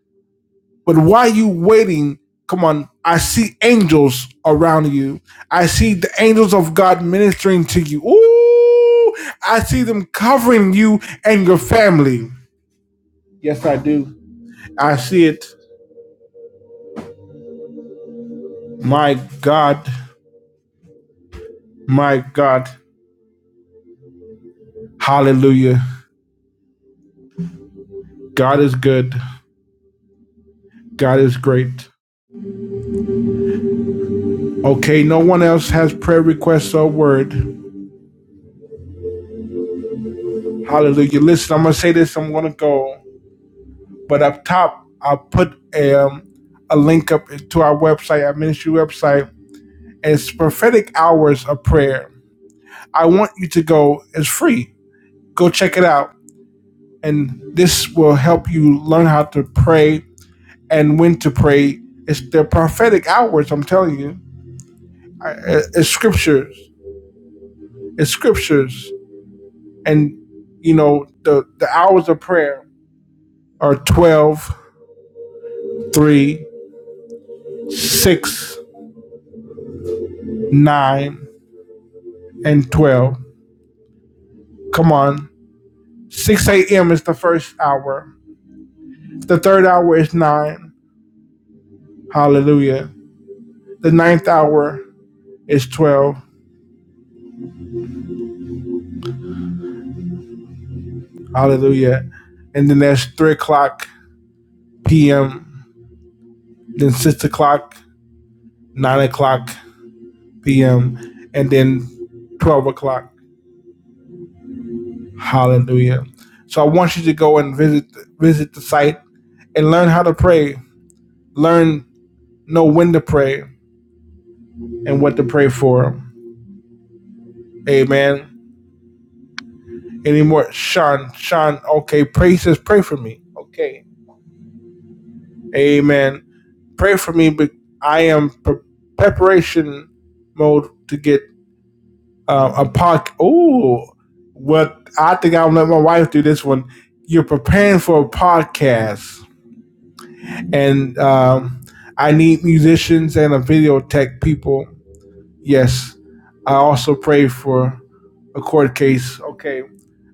A: But while you waiting, come on, I see angels around you. I see the angels of God ministering to you. Ooh, I see them covering you and your family. Yes, I do. I see it. My God, my God. Hallelujah. God is good. God is great. Okay, no one else has prayer requests or word. Hallelujah. Listen, I'm gonna say this. I'm gonna go, but up top, I'll put a, um, a link up to our website, our ministry website. It's prophetic hours of prayer. I want you to go. It's free. Go check it out, and this will help you learn how to pray and when to pray. It's the prophetic hours. I'm telling you, it's scriptures. It's scriptures, and you know the the hours of prayer are twelve, three, 6, 9, and 12. Come on. 6 a.m. is the first hour. The third hour is 9. Hallelujah. The ninth hour is 12. Hallelujah. And then there's 3 o'clock p.m., then 6 o'clock, 9 o'clock p.m., and then 12 o'clock. Hallelujah. So I want you to go and visit visit the site and learn how to pray. Learn know when to pray and what to pray for. Amen. anymore. Sean, Sean, okay, pray says pray for me. Okay. Amen. Pray for me, but I am pre- preparation mode to get um, a podcast. Oh, what I think I'm gonna let my wife do this one. You're preparing for a podcast, and um, I need musicians and a video tech people. Yes, I also pray for a court case. Okay,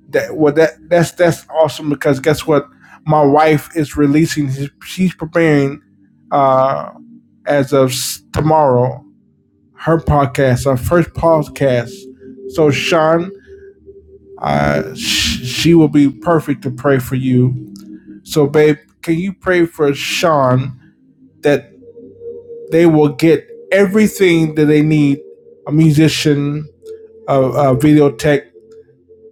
A: that well that that's that's awesome because guess what my wife is releasing she's preparing uh as of tomorrow her podcast our first podcast so sean uh sh- she will be perfect to pray for you so babe can you pray for sean that they will get everything that they need a musician a, a video tech,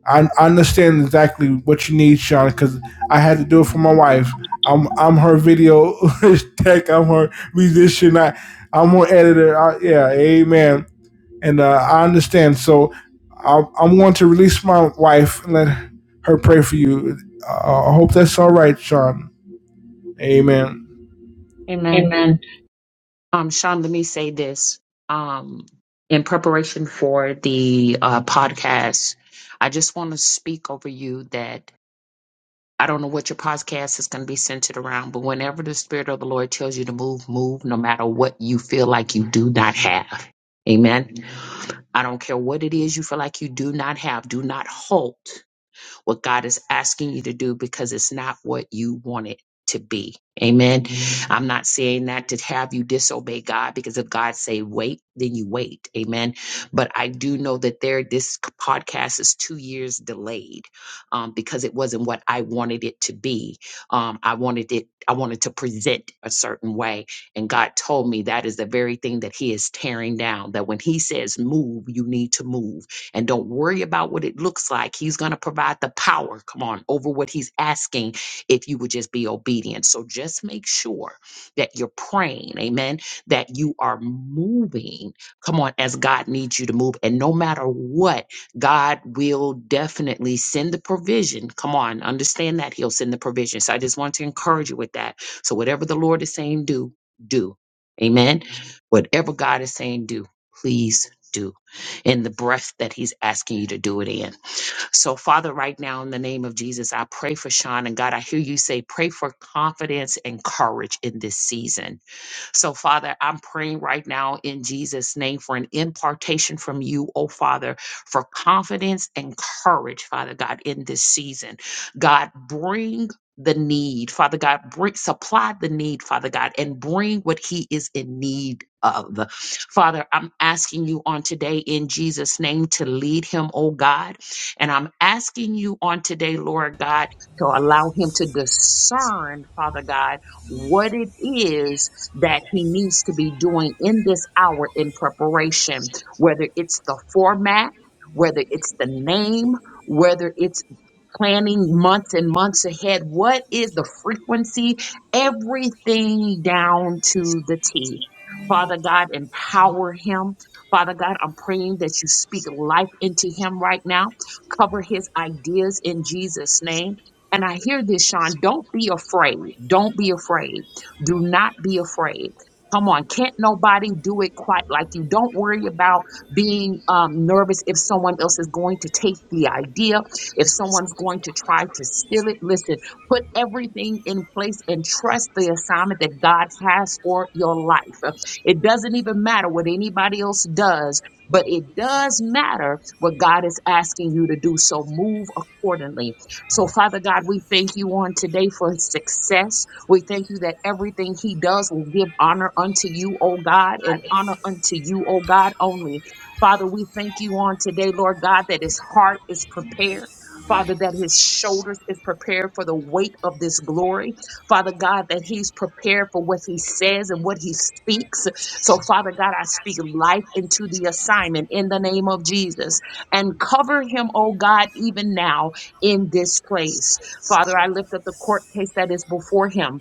A: I, I understand exactly what you need, Shauna, because I had to do it for my wife. I'm I'm her video tech. I'm her musician. I I'm her editor. I, yeah, amen. And uh, I understand. So I, I'm going to release my wife and let her pray for you. Uh, I hope that's all right, Sean. Amen. Amen.
B: Um, Sean, let me say this. Um, in preparation for the uh, podcast, I just want to speak over you that I don't know what your podcast is going to be centered around, but whenever the Spirit of the Lord tells you to move, move no matter what you feel like you do not have. Amen. I don't care what it is you feel like you do not have. Do not halt what God is asking you to do because it's not what you want it to be. Amen. I'm not saying that to have you disobey God because if God say wait, then you wait. Amen. But I do know that there this podcast is two years delayed um, because it wasn't what I wanted it to be. Um, I wanted it. I wanted to present a certain way, and God told me that is the very thing that He is tearing down. That when He says move, you need to move and don't worry about what it looks like. He's going to provide the power, come on, over what he's asking if you would just be obedient. So just make sure that you're praying, amen, that you are moving, come on, as God needs you to move. And no matter what, God will definitely send the provision. Come on, understand that He'll send the provision. So I just want to encourage you with that. So whatever the Lord is saying, do, do. Amen. Whatever God is saying, do. Please do in the breath that he's asking you to do it in. So, Father, right now, in the name of Jesus, I pray for Sean. And God, I hear you say, pray for confidence and courage in this season so, Father, I'm praying right now in Jesus' name for an impartation from you, oh Father, for confidence and courage, Father God, in this season. God, bring the need, Father God, bring supply the need, Father God, and bring what He is in need of. Father, I'm asking you on today in Jesus' name to lead him, oh God. And I'm asking you on today, Lord God, to allow him to discern, Father God, what it is that he needs to be doing in this hour in preparation, whether it's the format, whether it's the name, whether it's planning months and months ahead. What is the frequency? Everything down to the T. Father God, empower him. Father God, I'm praying that you speak life into him right now. Cover his ideas in Jesus' name. And I hear this, Sean. Don't be afraid. Don't be afraid. Do not be afraid. Come on. Can't nobody do it quite like you. Don't worry about being um, nervous if someone else is going to take the idea if someone's going to try to steal it, listen, put everything in place and trust the assignment that God has for your life. Uh, It doesn't even matter what anybody else does. But it does matter what God is asking you to do. So move accordingly. So, Father God, we thank you on today for success. We thank you that everything he does will give honor unto you, O God, and honor unto you, O God, only. Father, we thank you on today, Lord God, that his heart is prepared. Father, that his shoulders is prepared for the weight of this glory. Father God, that he's prepared for what he says and what he speaks. So, Father God, I speak life into the assignment in the name of Jesus and cover him, oh God, even now in this place. Father, I lift up the court case that is before him.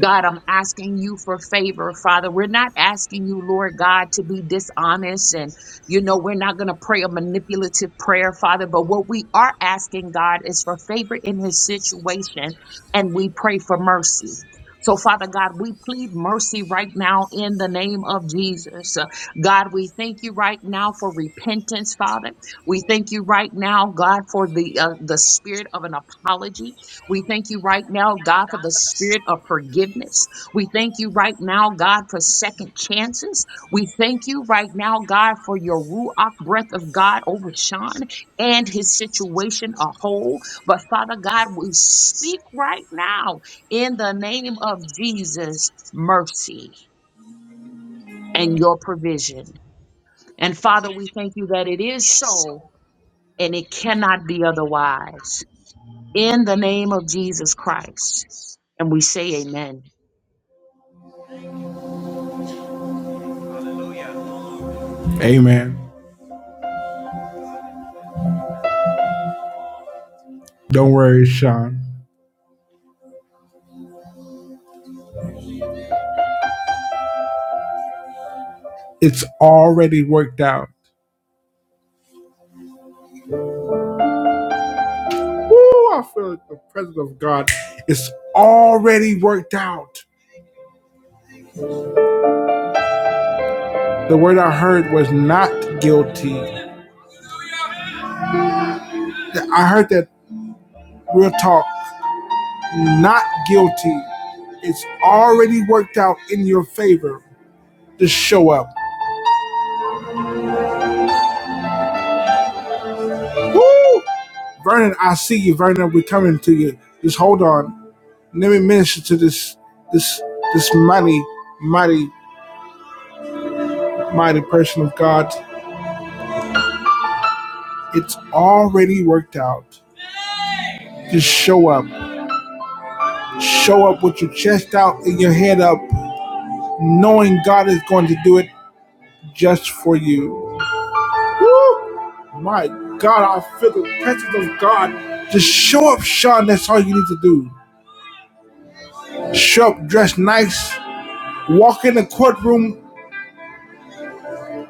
B: God, I'm asking you for favor, Father. We're not asking you, Lord God, to be dishonest. And, you know, we're not going to pray a manipulative prayer, Father. But what we are asking, God, is for favor in his situation. And we pray for mercy. So, Father God, we plead mercy right now in the name of Jesus. Uh, God, we thank you right now for repentance, Father. We thank you right now, God, for the uh, the spirit of an apology. We thank you right now, God, for the spirit of forgiveness. We thank you right now, God, for second chances. We thank you right now, God, for your Ruach breath of God over Sean and his situation a whole. But Father God, we speak right now in the name of Jesus mercy and your provision. And Father, we thank you that it is so and it cannot be otherwise. In the name of Jesus Christ. And we say amen.
A: Amen. Don't worry, Sean. It's already worked out. Ooh, I feel like the presence of God is already worked out. The word I heard was not guilty. I heard that real talk, not guilty. It's already worked out in your favor. Just show up. Woo! Vernon, I see you, Vernon. We're coming to you. Just hold on. Let me minister to this this this mighty, mighty, mighty person of God. It's already worked out. Just show up. Show up with your chest out and your head up, knowing God is going to do it just for you. Woo! My God, I feel the presence of God. Just show up, Sean. That's all you need to do. Show up, dress nice, walk in the courtroom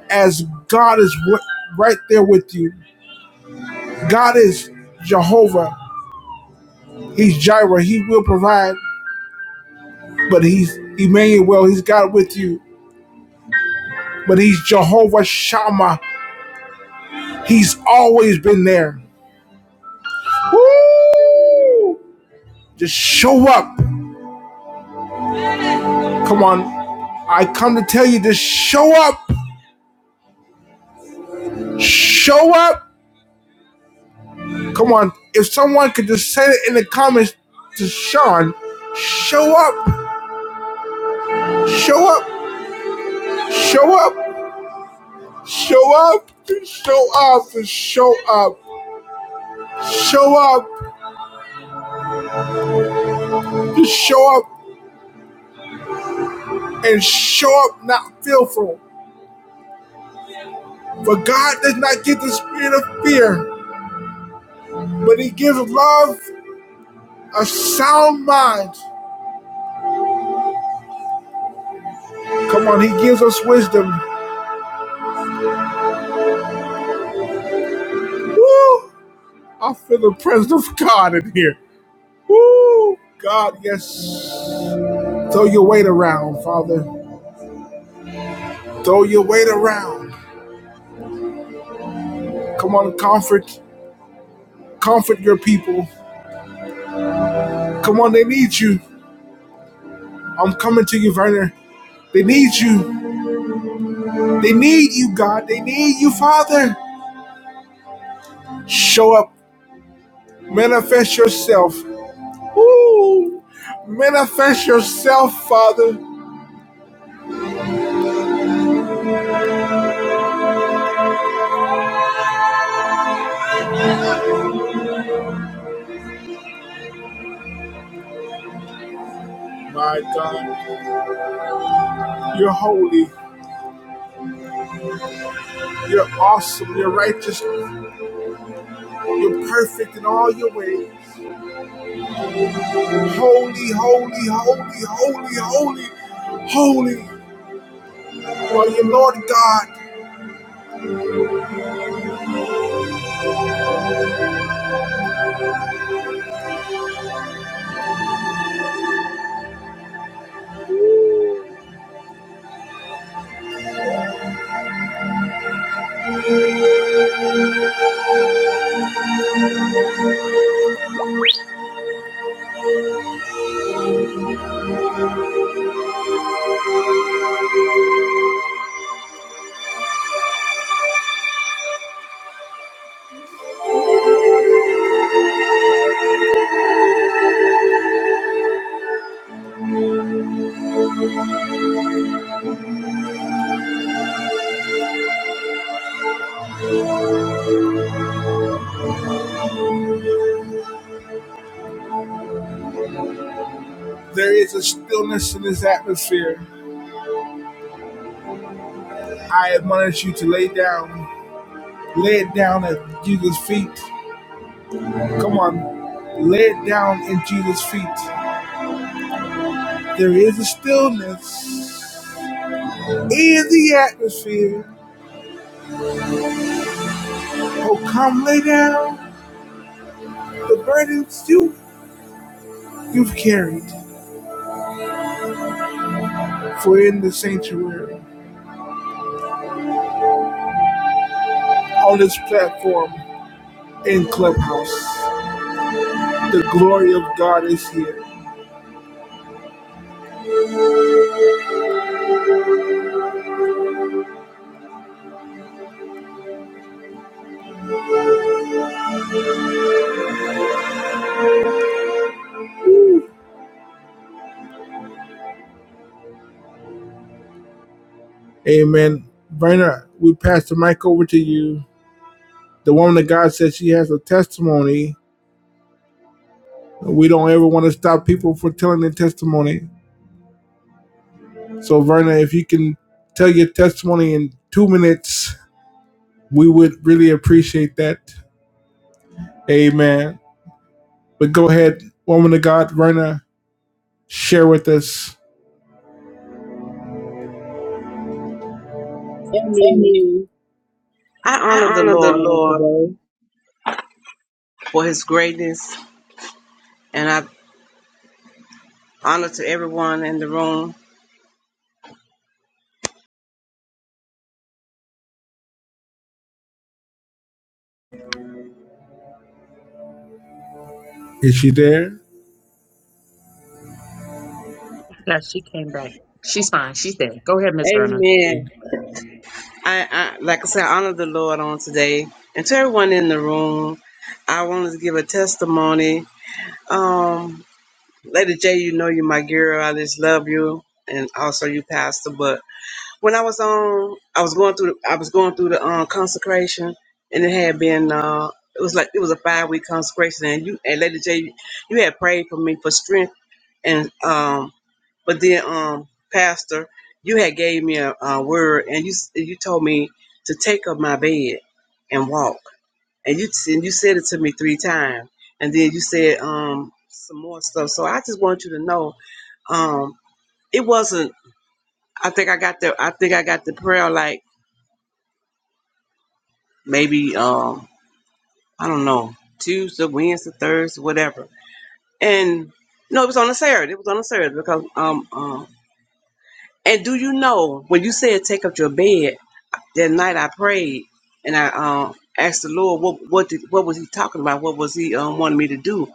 A: as God is right there with you. God is Jehovah. He's Jireh. He will provide, but He's Emmanuel. He's God with you, but He's Jehovah Shammah. He's always been there. Woo! Just show up. Come on. I come to tell you, just show up. Show up. Come on. If someone could just say it in the comments to Sean, show up. Show up. Show up. Show up. Show up. Show up. Show up. Just show up and show up not fearful. For God does not give the spirit of fear, but he gives love, a sound mind, Come on, he gives us wisdom. Woo! I feel the presence of God in here. Woo! God, yes. Throw your weight around, Father. Throw your weight around. Come on, comfort. Comfort your people. Come on, they need you. I'm coming to you, Werner. They need you. They need you, God. They need you, Father. Show up. Manifest yourself. Woo! Manifest yourself, Father. My God, you're holy. You're awesome. You're righteous. You're perfect in all your ways. Holy, holy, holy, holy, holy, holy. While you Lord God, there is a stillness in this atmosphere. I admonish you to lay down. Lay it down at Jesus' feet. Come on. Lay it down at Jesus' feet. There is a stillness in the atmosphere. Oh, come lay down the burdens you, you've carried. For in the sanctuary, on this platform, and Clubhouse. The glory of God is here. Amen. Brenner, we pass the mic over to you. The woman of God says she has a testimony. We don't ever want to stop people from telling their testimony. So, Verna, if you can tell your testimony in two minutes, we would really appreciate that. Amen. But go ahead, woman of God, Verna, share with us.
D: Amen. I honor the Lord on today for his greatness, and I honor to everyone in the room.
A: Is she there?
B: Yes, she came back. She's fine. She's there. Go ahead, Miss Verna.
D: Amen. I, I like I said, I honor the Lord on today, and to everyone in the room, I wanted to give a testimony. Um, Lady J, you know you're my girl. I just love you, and also you, Pastor. But. when I was on, I was going through. I was going through the um, consecration, and it had been. Uh, it was like it was a five week consecration, and you and Lady J, you had prayed for me for strength, and um, but then um, Pastor, you had gave me a, a word, and you s- you told me to take up my bed and walk, and you s- and you said it to me three times, and then you said um some more stuff. So I just want you to know, um, it wasn't. I think I got the. I think I got the prayer like maybe um I don't know Tuesday, Wednesday, Thursday, whatever. And no, it was on a Saturday. It was on a Saturday because um um. And do you know when you said take up your bed that night? I prayed and I um asked the Lord what what did, what was He talking about? What was He um wanting me to do?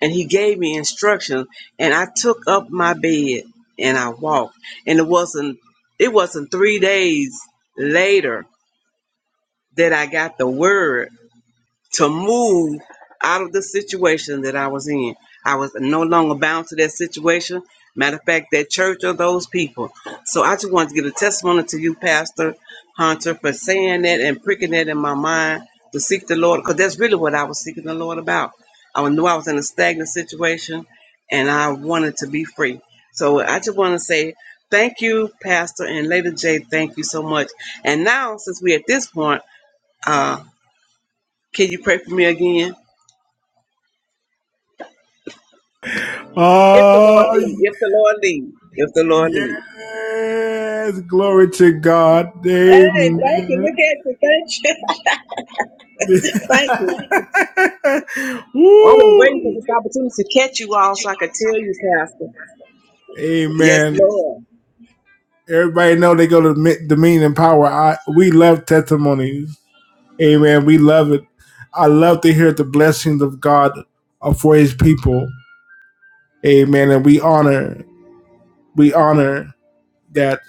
D: And He gave me instructions, and I took up my bed and I walked. And it wasn't it wasn't three days later that I got the word to move out of the situation that I was in. I was no longer bound to that situation. Matter of fact, that church or those people. So I just wanted to give a testimony to you, Pastor Hunter, for saying that and pricking that in my mind to seek the Lord, because that's really what I was seeking the Lord about. I knew I was in a stagnant situation and I wanted to be free. So I just want to say thank you, Pastor and Lady J. Thank you so much. And now, since we're at this point, uh, can you pray for me again? If the Lord
A: Ah.
D: lead, if the Lord lead, if the Lord lead.
A: Yes, glory to God.
D: Hey, thank you.
A: Amen.
D: Look at you. Thank you. thank you. I've been waiting for
A: Woo.
D: this opportunity to catch you all so I could tell you, Pastor. Yes,
A: Amen.
D: Lord.
A: Everybody know they go to Mi- Dominion and Power. I, we love testimonies. Amen. We love it. I love to hear the blessings of God uh, for His people. Amen. And we honor, we honor that.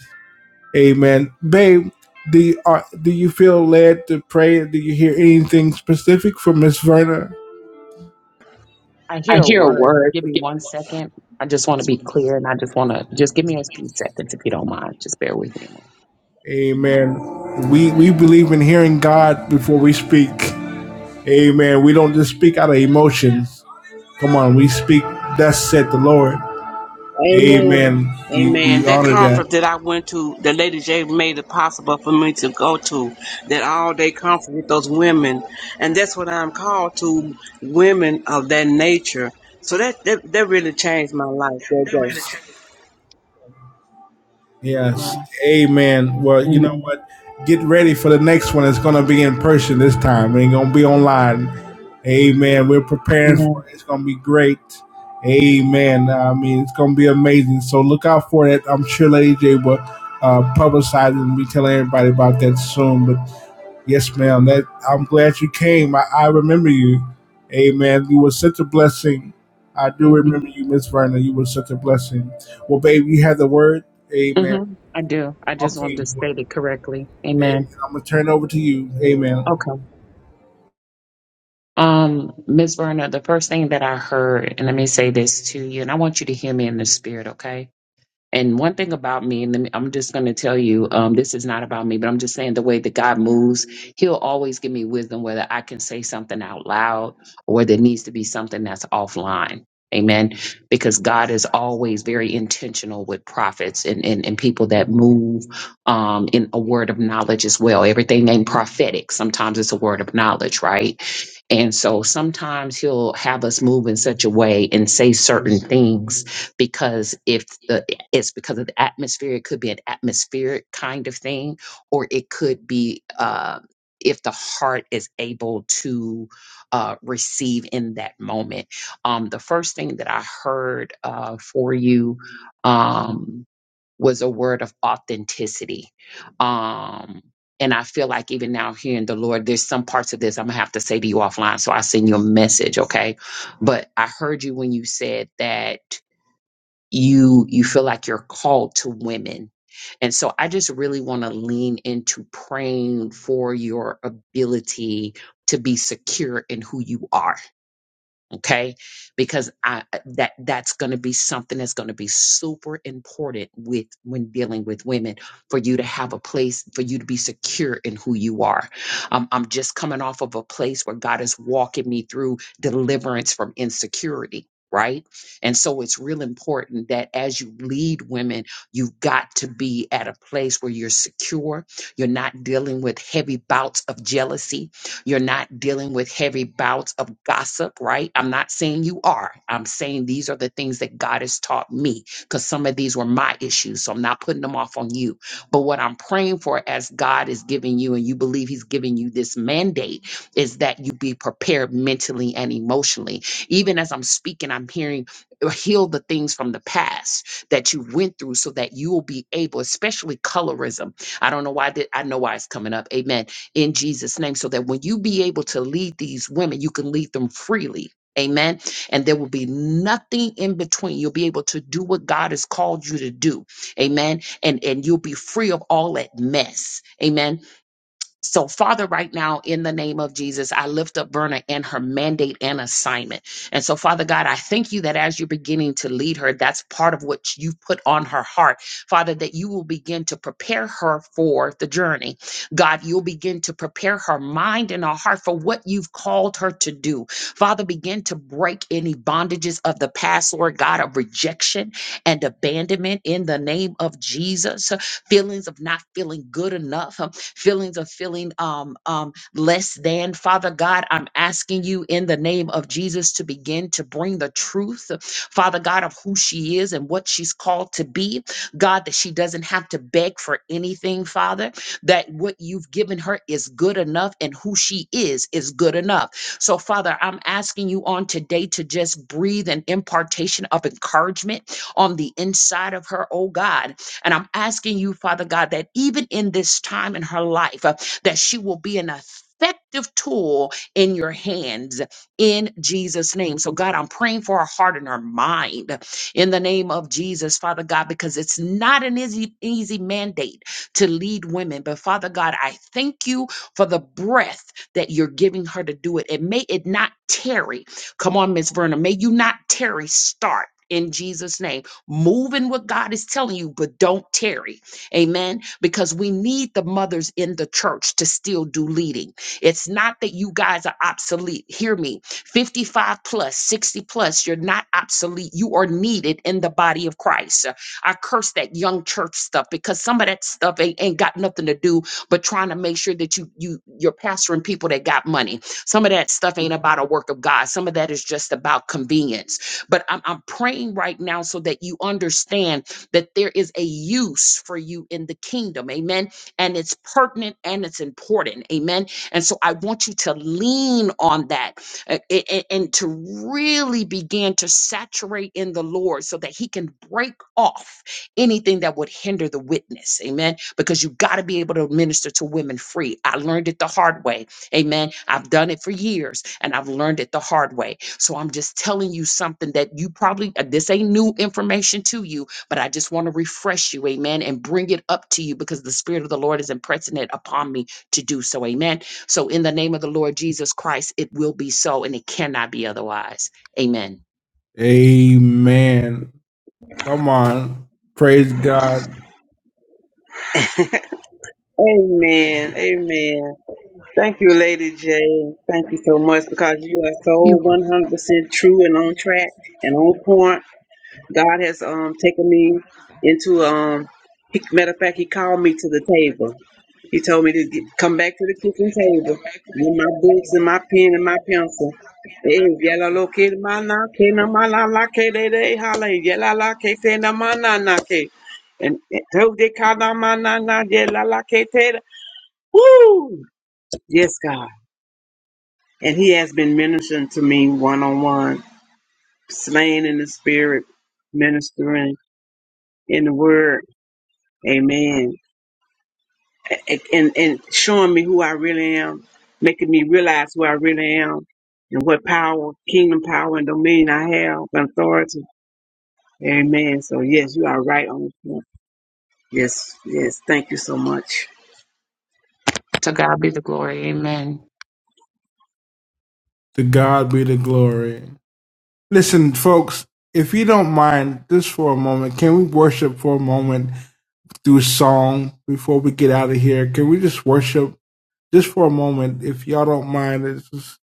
A: Amen. Babe, do you, uh, do you feel led to pray? Do you hear anything specific from Miss Verna?
B: I hear
A: I
B: a
A: hear a
B: word. So
A: word.
B: give me
A: Give me.
B: one
A: one.
B: second. I just want to be clear and I just want to just give me a few seconds if you don't mind. Just bear with me.
A: Amen. We we believe in hearing God before we speak. Amen. We don't just speak out of emotions. Come on, we speak. Thus said the Lord.
D: Amen.
A: Amen. We
D: Amen.
A: we
D: That
A: honor that.
D: conference that I went to, the Lady J made it possible for me to go to that all day conference with those women. And that's what I'm called to women of that nature. So that, that, that really changed my life that day.
A: Yes.
B: Um,
A: Amen. Well, you know
B: amen.
A: what? Get ready for the next one. It's going to be in person this time. It ain't going to be online. Amen. We're preparing
B: Amen.
A: for it. It's going to be great. Amen. I mean, it's going to be amazing. So look out for it. I'm sure Lady J will uh, publicize it and be telling everybody about that soon. But yes, ma'am. That I'm glad you came. I, I remember you. Amen. You were such a blessing. I do
B: Amen.
A: remember you, Miss Verna. You were such a blessing. Well, babe, you had the word. Amen.
B: Mm-hmm. I do. I just wanted
A: Okay,
B: to state it correctly.
A: amen.
B: Amen.
A: I'm gonna turn it over to you. Amen.
B: Okay. Um, Miss Verna, the first thing that I heard, and let me say this to you, and I want you to hear me in the spirit, okay? And one thing about me, and then I'm just going to tell you, um, this is not about me, but I'm just saying the way that God moves, He'll always give me wisdom, whether I can say something out loud or whether it needs to be something that's offline. Amen. Because God is always very intentional with prophets and, and, and people that move um, in a word of knowledge as well. Everything named prophetic, sometimes it's a word of knowledge, right? And so sometimes He'll have us move in such a way and say certain things because if the it's because of the atmosphere. It could be an atmospheric kind of thing, or it could be uh, if the heart is able to uh, receive in that moment. Um, the first thing that I heard uh, for you um, was a word of authenticity. Um, and I feel like even now hearing the Lord, there's some parts of this I'm gonna have to say to you offline. So I send you a message, okay? But I heard you when you said that you you feel like you're called to women and so i just really want to lean into praying for your ability to be secure in who you are okay because i that that's going to be something that's going to be super important with when dealing with women for you to have a place for you to be secure in who you are um, i'm just coming off of a place where god is walking me through deliverance from insecurity right and so it's real important that as you lead women you've got to be at a place where you're secure you're not dealing with heavy bouts of jealousy you're not dealing with heavy bouts of gossip, right? I'm not saying you are. I'm saying these are the things that God has taught me because some of these were my issues. So I'm not putting them off on you. But what I'm praying for as God is giving you and you believe He's giving you this mandate is that you be prepared mentally and emotionally. Even as I'm speaking, I'm hearing uh, heal the things from the past that you went through so that you will be able, especially colorism. I don't know why that I know why it's coming up. Amen in Jesus' name, so that when you be able to lead these women, you can lead them freely. Amen. And there will be nothing in between. You'll be able to do what God has called you to do. Amen. And and you'll be free of all that mess. Amen. So, Father, right now, in the name of Jesus, I lift up Berna and her mandate and assignment. And so, Father God, I thank you that as you're beginning to lead her, that's part of what you've put on her heart. Father, that you will begin to prepare her for the journey. God, you'll begin to prepare her mind and her heart for what you've called her to do. Father, begin to break any bondages of the past, Lord God, of rejection and abandonment in the name of Jesus feelings of not feeling good enough, um, feelings of feeling um, um, less than. Father God, I'm asking you in the name of Jesus to begin to bring the truth, Father God, of who she is and what she's called to be. God, that she doesn't have to beg for anything, Father, that what you've given her is good enough and who she is is good enough. So, Father, I'm asking you on today to just breathe an impartation of encouragement on the inside of her, oh God, and I'm asking you, Father God, that even in this time in her life, uh, that she will be an effective tool in your hands in Jesus' name. So, God, I'm praying for her heart and her mind in the name of Jesus, Father God, because it's not an easy, easy mandate to lead women. But, Father God, I thank you for the breath that you're giving her to do it. And may it not tarry. Come on, Miss Verna. May you not tarry. Start. In Jesus' name. Move in what God is telling you, but don't tarry. Amen. Because we need the mothers in the church to still do leading. It's not that you guys are obsolete. Hear me. 55 plus, 60 plus, you're not obsolete. You are needed in the body of Christ. I curse that young church stuff because some of that stuff ain't, ain't got nothing to do but trying to make sure that you you you're pastoring people that got money. Some of that stuff ain't about a work of God. Some of that is just about convenience. But I'm, I'm praying right now so that you understand that there is a use for you in the kingdom. Amen. And it's pertinent and it's important. Amen. And so I want you to lean on that uh, a- a- and to really begin to saturate in the Lord so that He can break off anything that would hinder the witness. Amen. Because you got to be able to minister to women free. I learned it the hard way Amen. I've done it for years and I've learned it the hard way. So I'm just telling you something that you probably, uh, this ain't new information to you, but I just want to refresh you. Amen. And bring it up to you because the Spirit of the Lord is impressing it upon me to do so. Amen. So in the name of the Lord Jesus Christ, it will be so and it cannot be otherwise. Amen.
A: Amen. Come on, praise God.
D: Amen. Amen. Thank you, Lady Jane. Thank you so much because you are
B: You're
D: so
B: welcome.
D: 100% true and on track and on point. God has um taken me into um. He, matter of fact, he called me to the table. He told me to get, come back to the kitchen table with my books and my pen and my pencil. Hey, yala lo ke ma na ke na ma la la ke de de hala yala la ke te na ma na na ke and and to de ka na ma na na yala la ke te. Woo! Yes, God. And he has been ministering to me one on one, slain in the spirit, ministering in the word. Amen. A- And, and showing me who I really am, making me realize who I really am and what power, kingdom power and dominion I have and authority. Amen. So yes, you are right on the point. Yes, yes. Thank you so much.
B: To God be the glory. Amen.
A: To God be the glory. Listen, folks, if you don't mind, just for a moment, can we worship for a moment through song before we get out of here? Can we just worship just for a moment, if y'all don't mind? It's just,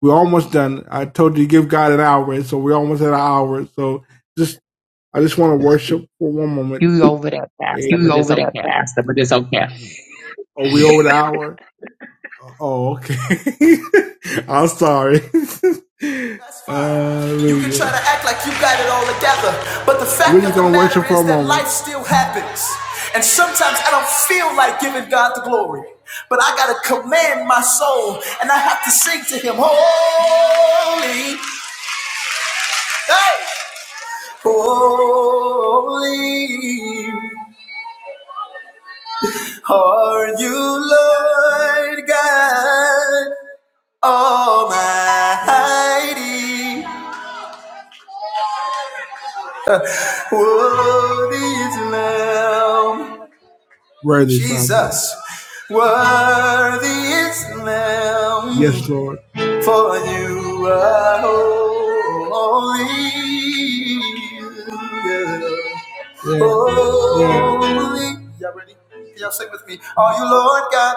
A: we're almost done. I told you to give God an hour, so we're almost at an hour. So just, I just want to worship for one moment.
B: You over that, Pastor,
A: You
B: but it's
A: over that
B: okay.
A: faster, but it's okay. Oh, we over the hour? Oh, okay. I'm sorry. Uh, You can try to act like you got it all together, but the fact of the matter is that life still happens. And sometimes I don't feel like giving God the glory, but I gotta command my soul and I have to sing to Him, Holy, hey! Holy are you, Lord God. Almighty, worthy is the Lamb. Worthy, Father. Jesus, Father. worthy is the Lamb. Yes, Lord. For you are holy. Yeah. Yeah. Holy. Yeah. Y'all ready? Can y'all sing with me? Are you Lord God?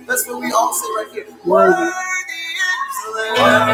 A: That's what we all say right here. Worthy Worthy. is the Lamb.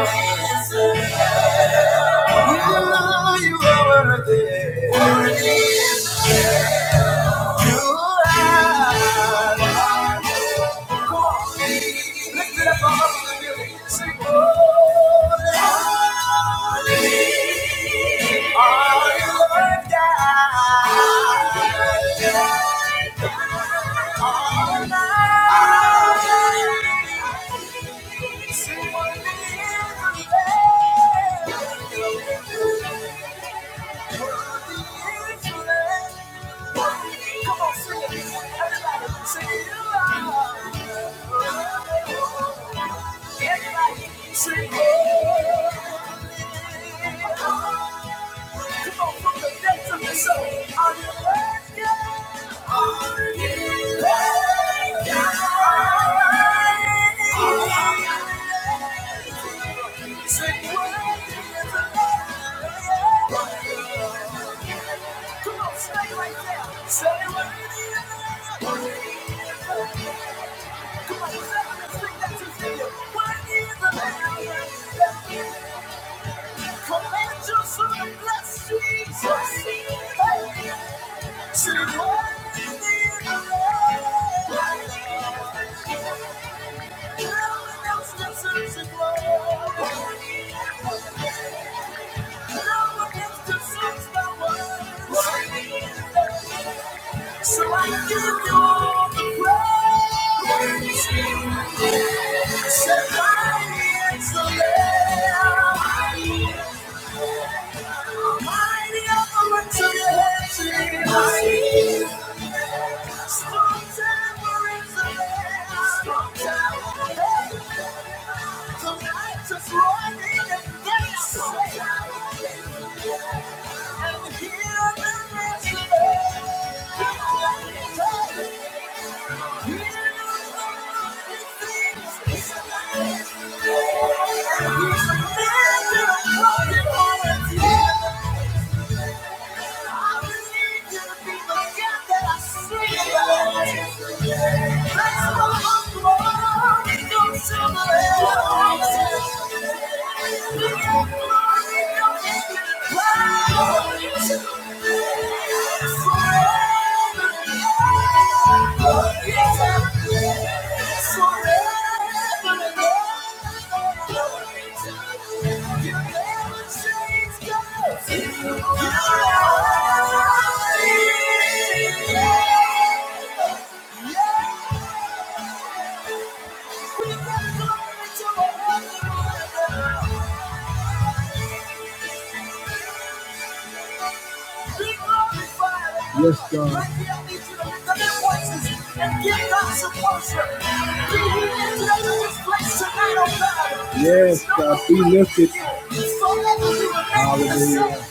A: Hallelujah.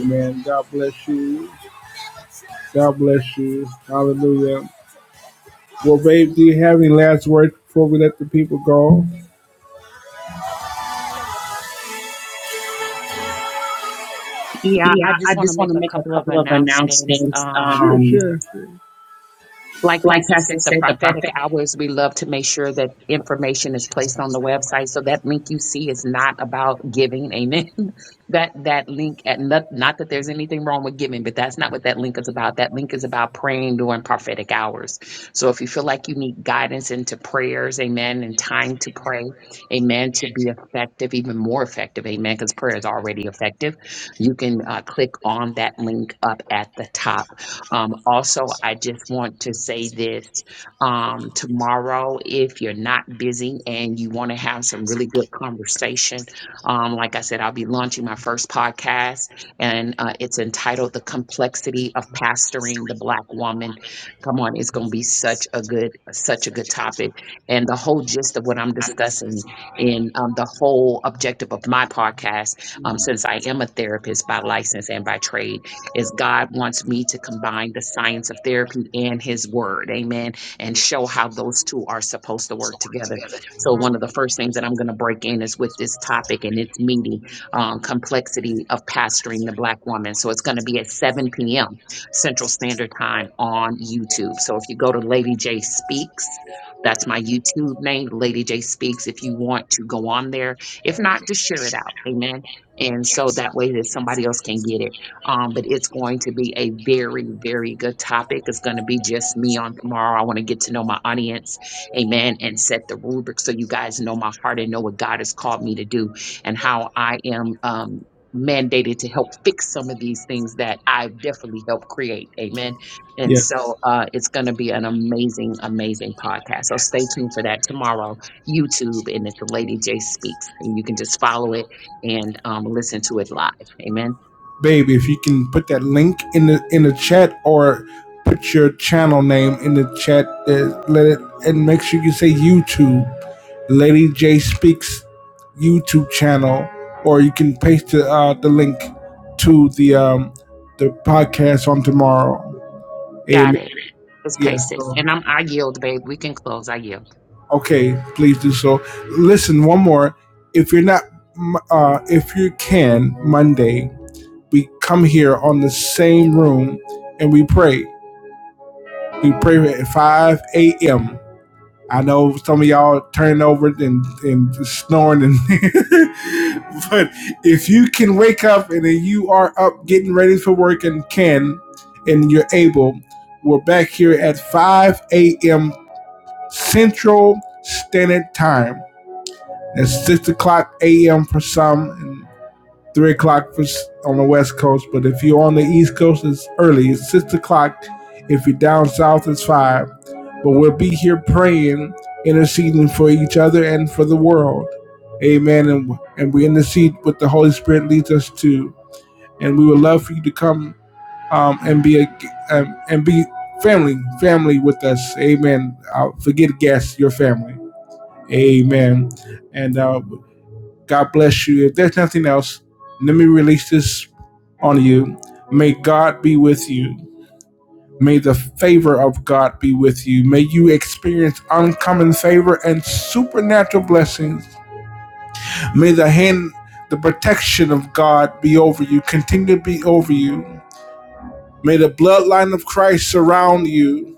A: Amen. God bless you. God bless you. Hallelujah. Well, babe, do you have any last words before we let the people go?
B: Yeah, I
A: Yeah, I
B: just want to
A: just want
B: make
A: to
B: a
A: make a
B: couple of
A: couple of
B: announcements.
A: announcements. Sure,
B: Um,
A: Um, sure. sure.
B: Like
A: like
B: Pastor said,
A: Pastor
B: the
A: said, the
B: prophetic
A: prophetic.
B: hours, we love to make sure that information is placed on the website. So that link you see is not about giving. Amen. that that link at not, not that there's anything wrong with giving, but that's not what that link is about. That link is about praying during prophetic hours. So if you feel like you need guidance into prayers, amen, and time to pray, amen, to be effective, even more effective, amen, because prayer is already effective, you can uh, click on that link up at the top. Um, also, I just want to say this um, tomorrow, if you're not busy and you want to have some really good conversation, um, like I said, I'll be launching my first podcast, and uh, it's entitled The Complexity of Pastoring the Black Woman. Come on, it's going to be such a good, such a good topic. And the whole gist of what I'm discussing in um, the whole objective of my podcast, um, since I am a therapist by license and by trade is God wants me to combine the science of therapy and his word. Amen. And show how those two are supposed to work together. So one of the first things that I'm going to break in is with this topic and its meeting, um, complexity of pastoring the black woman. So it's going to be at 7 p.m. Central Standard Time on YouTube. So if you go to Lady J Speaks, that's my YouTube name, Lady J Speaks. If you want to go on there, if not, just share it out. Amen. And so that way that somebody else can get it. Um, but it's going to be a very, very good topic. It's going to be just me on tomorrow. I want to get to know my audience, amen, and set the rubric so you guys know my heart and know what God has called me to do and how I am um, mandated to help fix some of these things that I've definitely helped create, amen. And
A: Yeah.
B: so uh, it's going to be an amazing, amazing podcast. So stay tuned for that tomorrow, YouTube, and it's the Lady J Speaks, and you can just follow it and um, listen to it live, amen.
A: babe, if you can put that link in the in the chat or put your channel name in the chat, uh, let it and make sure you say YouTube, Lady J Speaks YouTube channel, or you can paste the uh, the link to the um the podcast on tomorrow.
B: Got
A: Amen.
B: it. Let's
A: Yeah.
B: paste it.
A: So
B: And I'm I yield, babe. We can close. I yield.
A: okay, please do so. Listen, one more. If you're not, uh, if you can Monday, we come here on the same room and we pray. We pray at 5 a.m. I know some of y'all turning over and, and snoring, and but if you can wake up and then you are up getting ready for work and can, and you're able, we're back here at 5 a.m. Central Standard Time. That's 6 o'clock a.m. for some, and three o'clock for, on the West Coast, but if you're on the East Coast, it's early. It's six o'clock. If you're down south, it's five. But we'll be here praying, interceding for each other and for the world. Amen. And, and we intercede what the Holy Spirit leads us to. And we would love for you to come um, and be a um, and be family, family with us. Amen. Uh, forget guests, your family. Amen. And uh, God bless you. If there's nothing else, let me release this on you. May God be with you. May the favor of God be with you. May you experience uncommon favor and supernatural blessings. May the hand, the protection of God be over you, continue to be over you. May the bloodline of Christ surround you.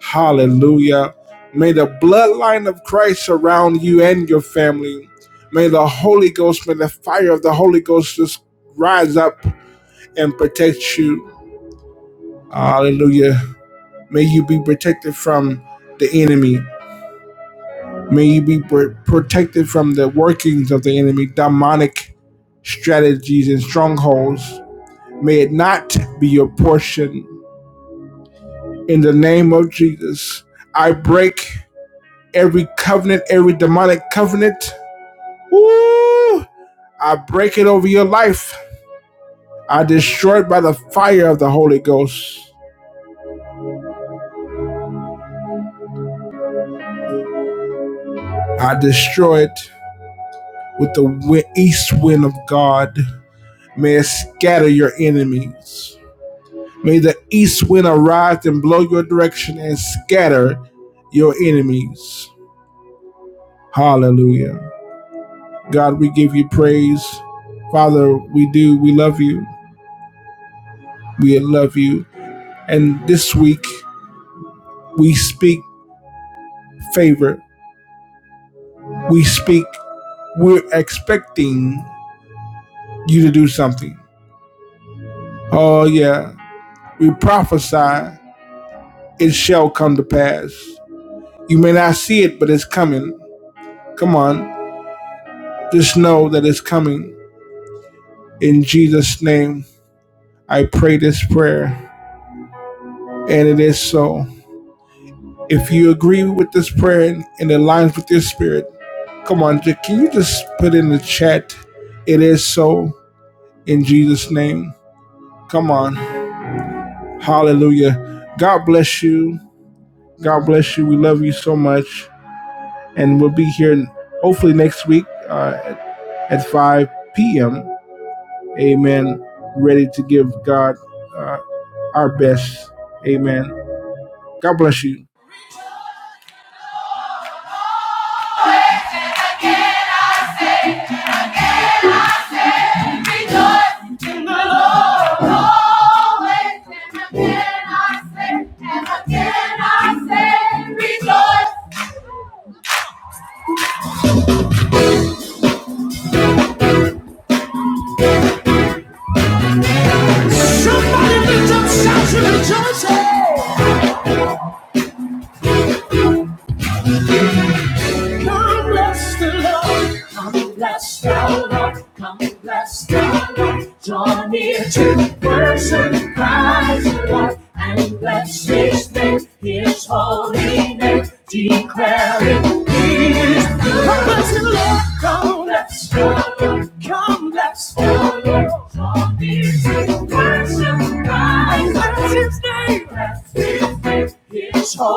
A: Hallelujah. May the bloodline of Christ surround you and your family. May the Holy Ghost, may the fire of the Holy Ghost just rise up and protect you. Hallelujah. May you be protected from the enemy. May you be pr- protected from the workings of the enemy, demonic strategies and strongholds. May it not be your portion. In the name of Jesus, I break every covenant, every demonic covenant Woo! I break it over your life. I destroy it by the fire of the Holy Ghost. I destroy it with the east wind of God. May it scatter your enemies. May the east wind arise and blow your direction and scatter your enemies. Hallelujah. God, we give you praise. Father, we do. We love you. We love you. And this week, we speak favor. We speak we're expecting you to do something. Oh, yeah. We prophesy, it shall come to pass. You may not see it, but it's coming. Come on. Just know that it's coming. In Jesus' name, I pray this prayer, and it is so. If you agree with this prayer and it aligns with your spirit, come on. Can you just put in the chat, it is so, in Jesus' name? Come on. Hallelujah. God bless you. God bless you. We love you so much. And we'll be here hopefully next week uh, at 5 p.m. Amen. Ready to give God uh, our best. Amen. God bless you.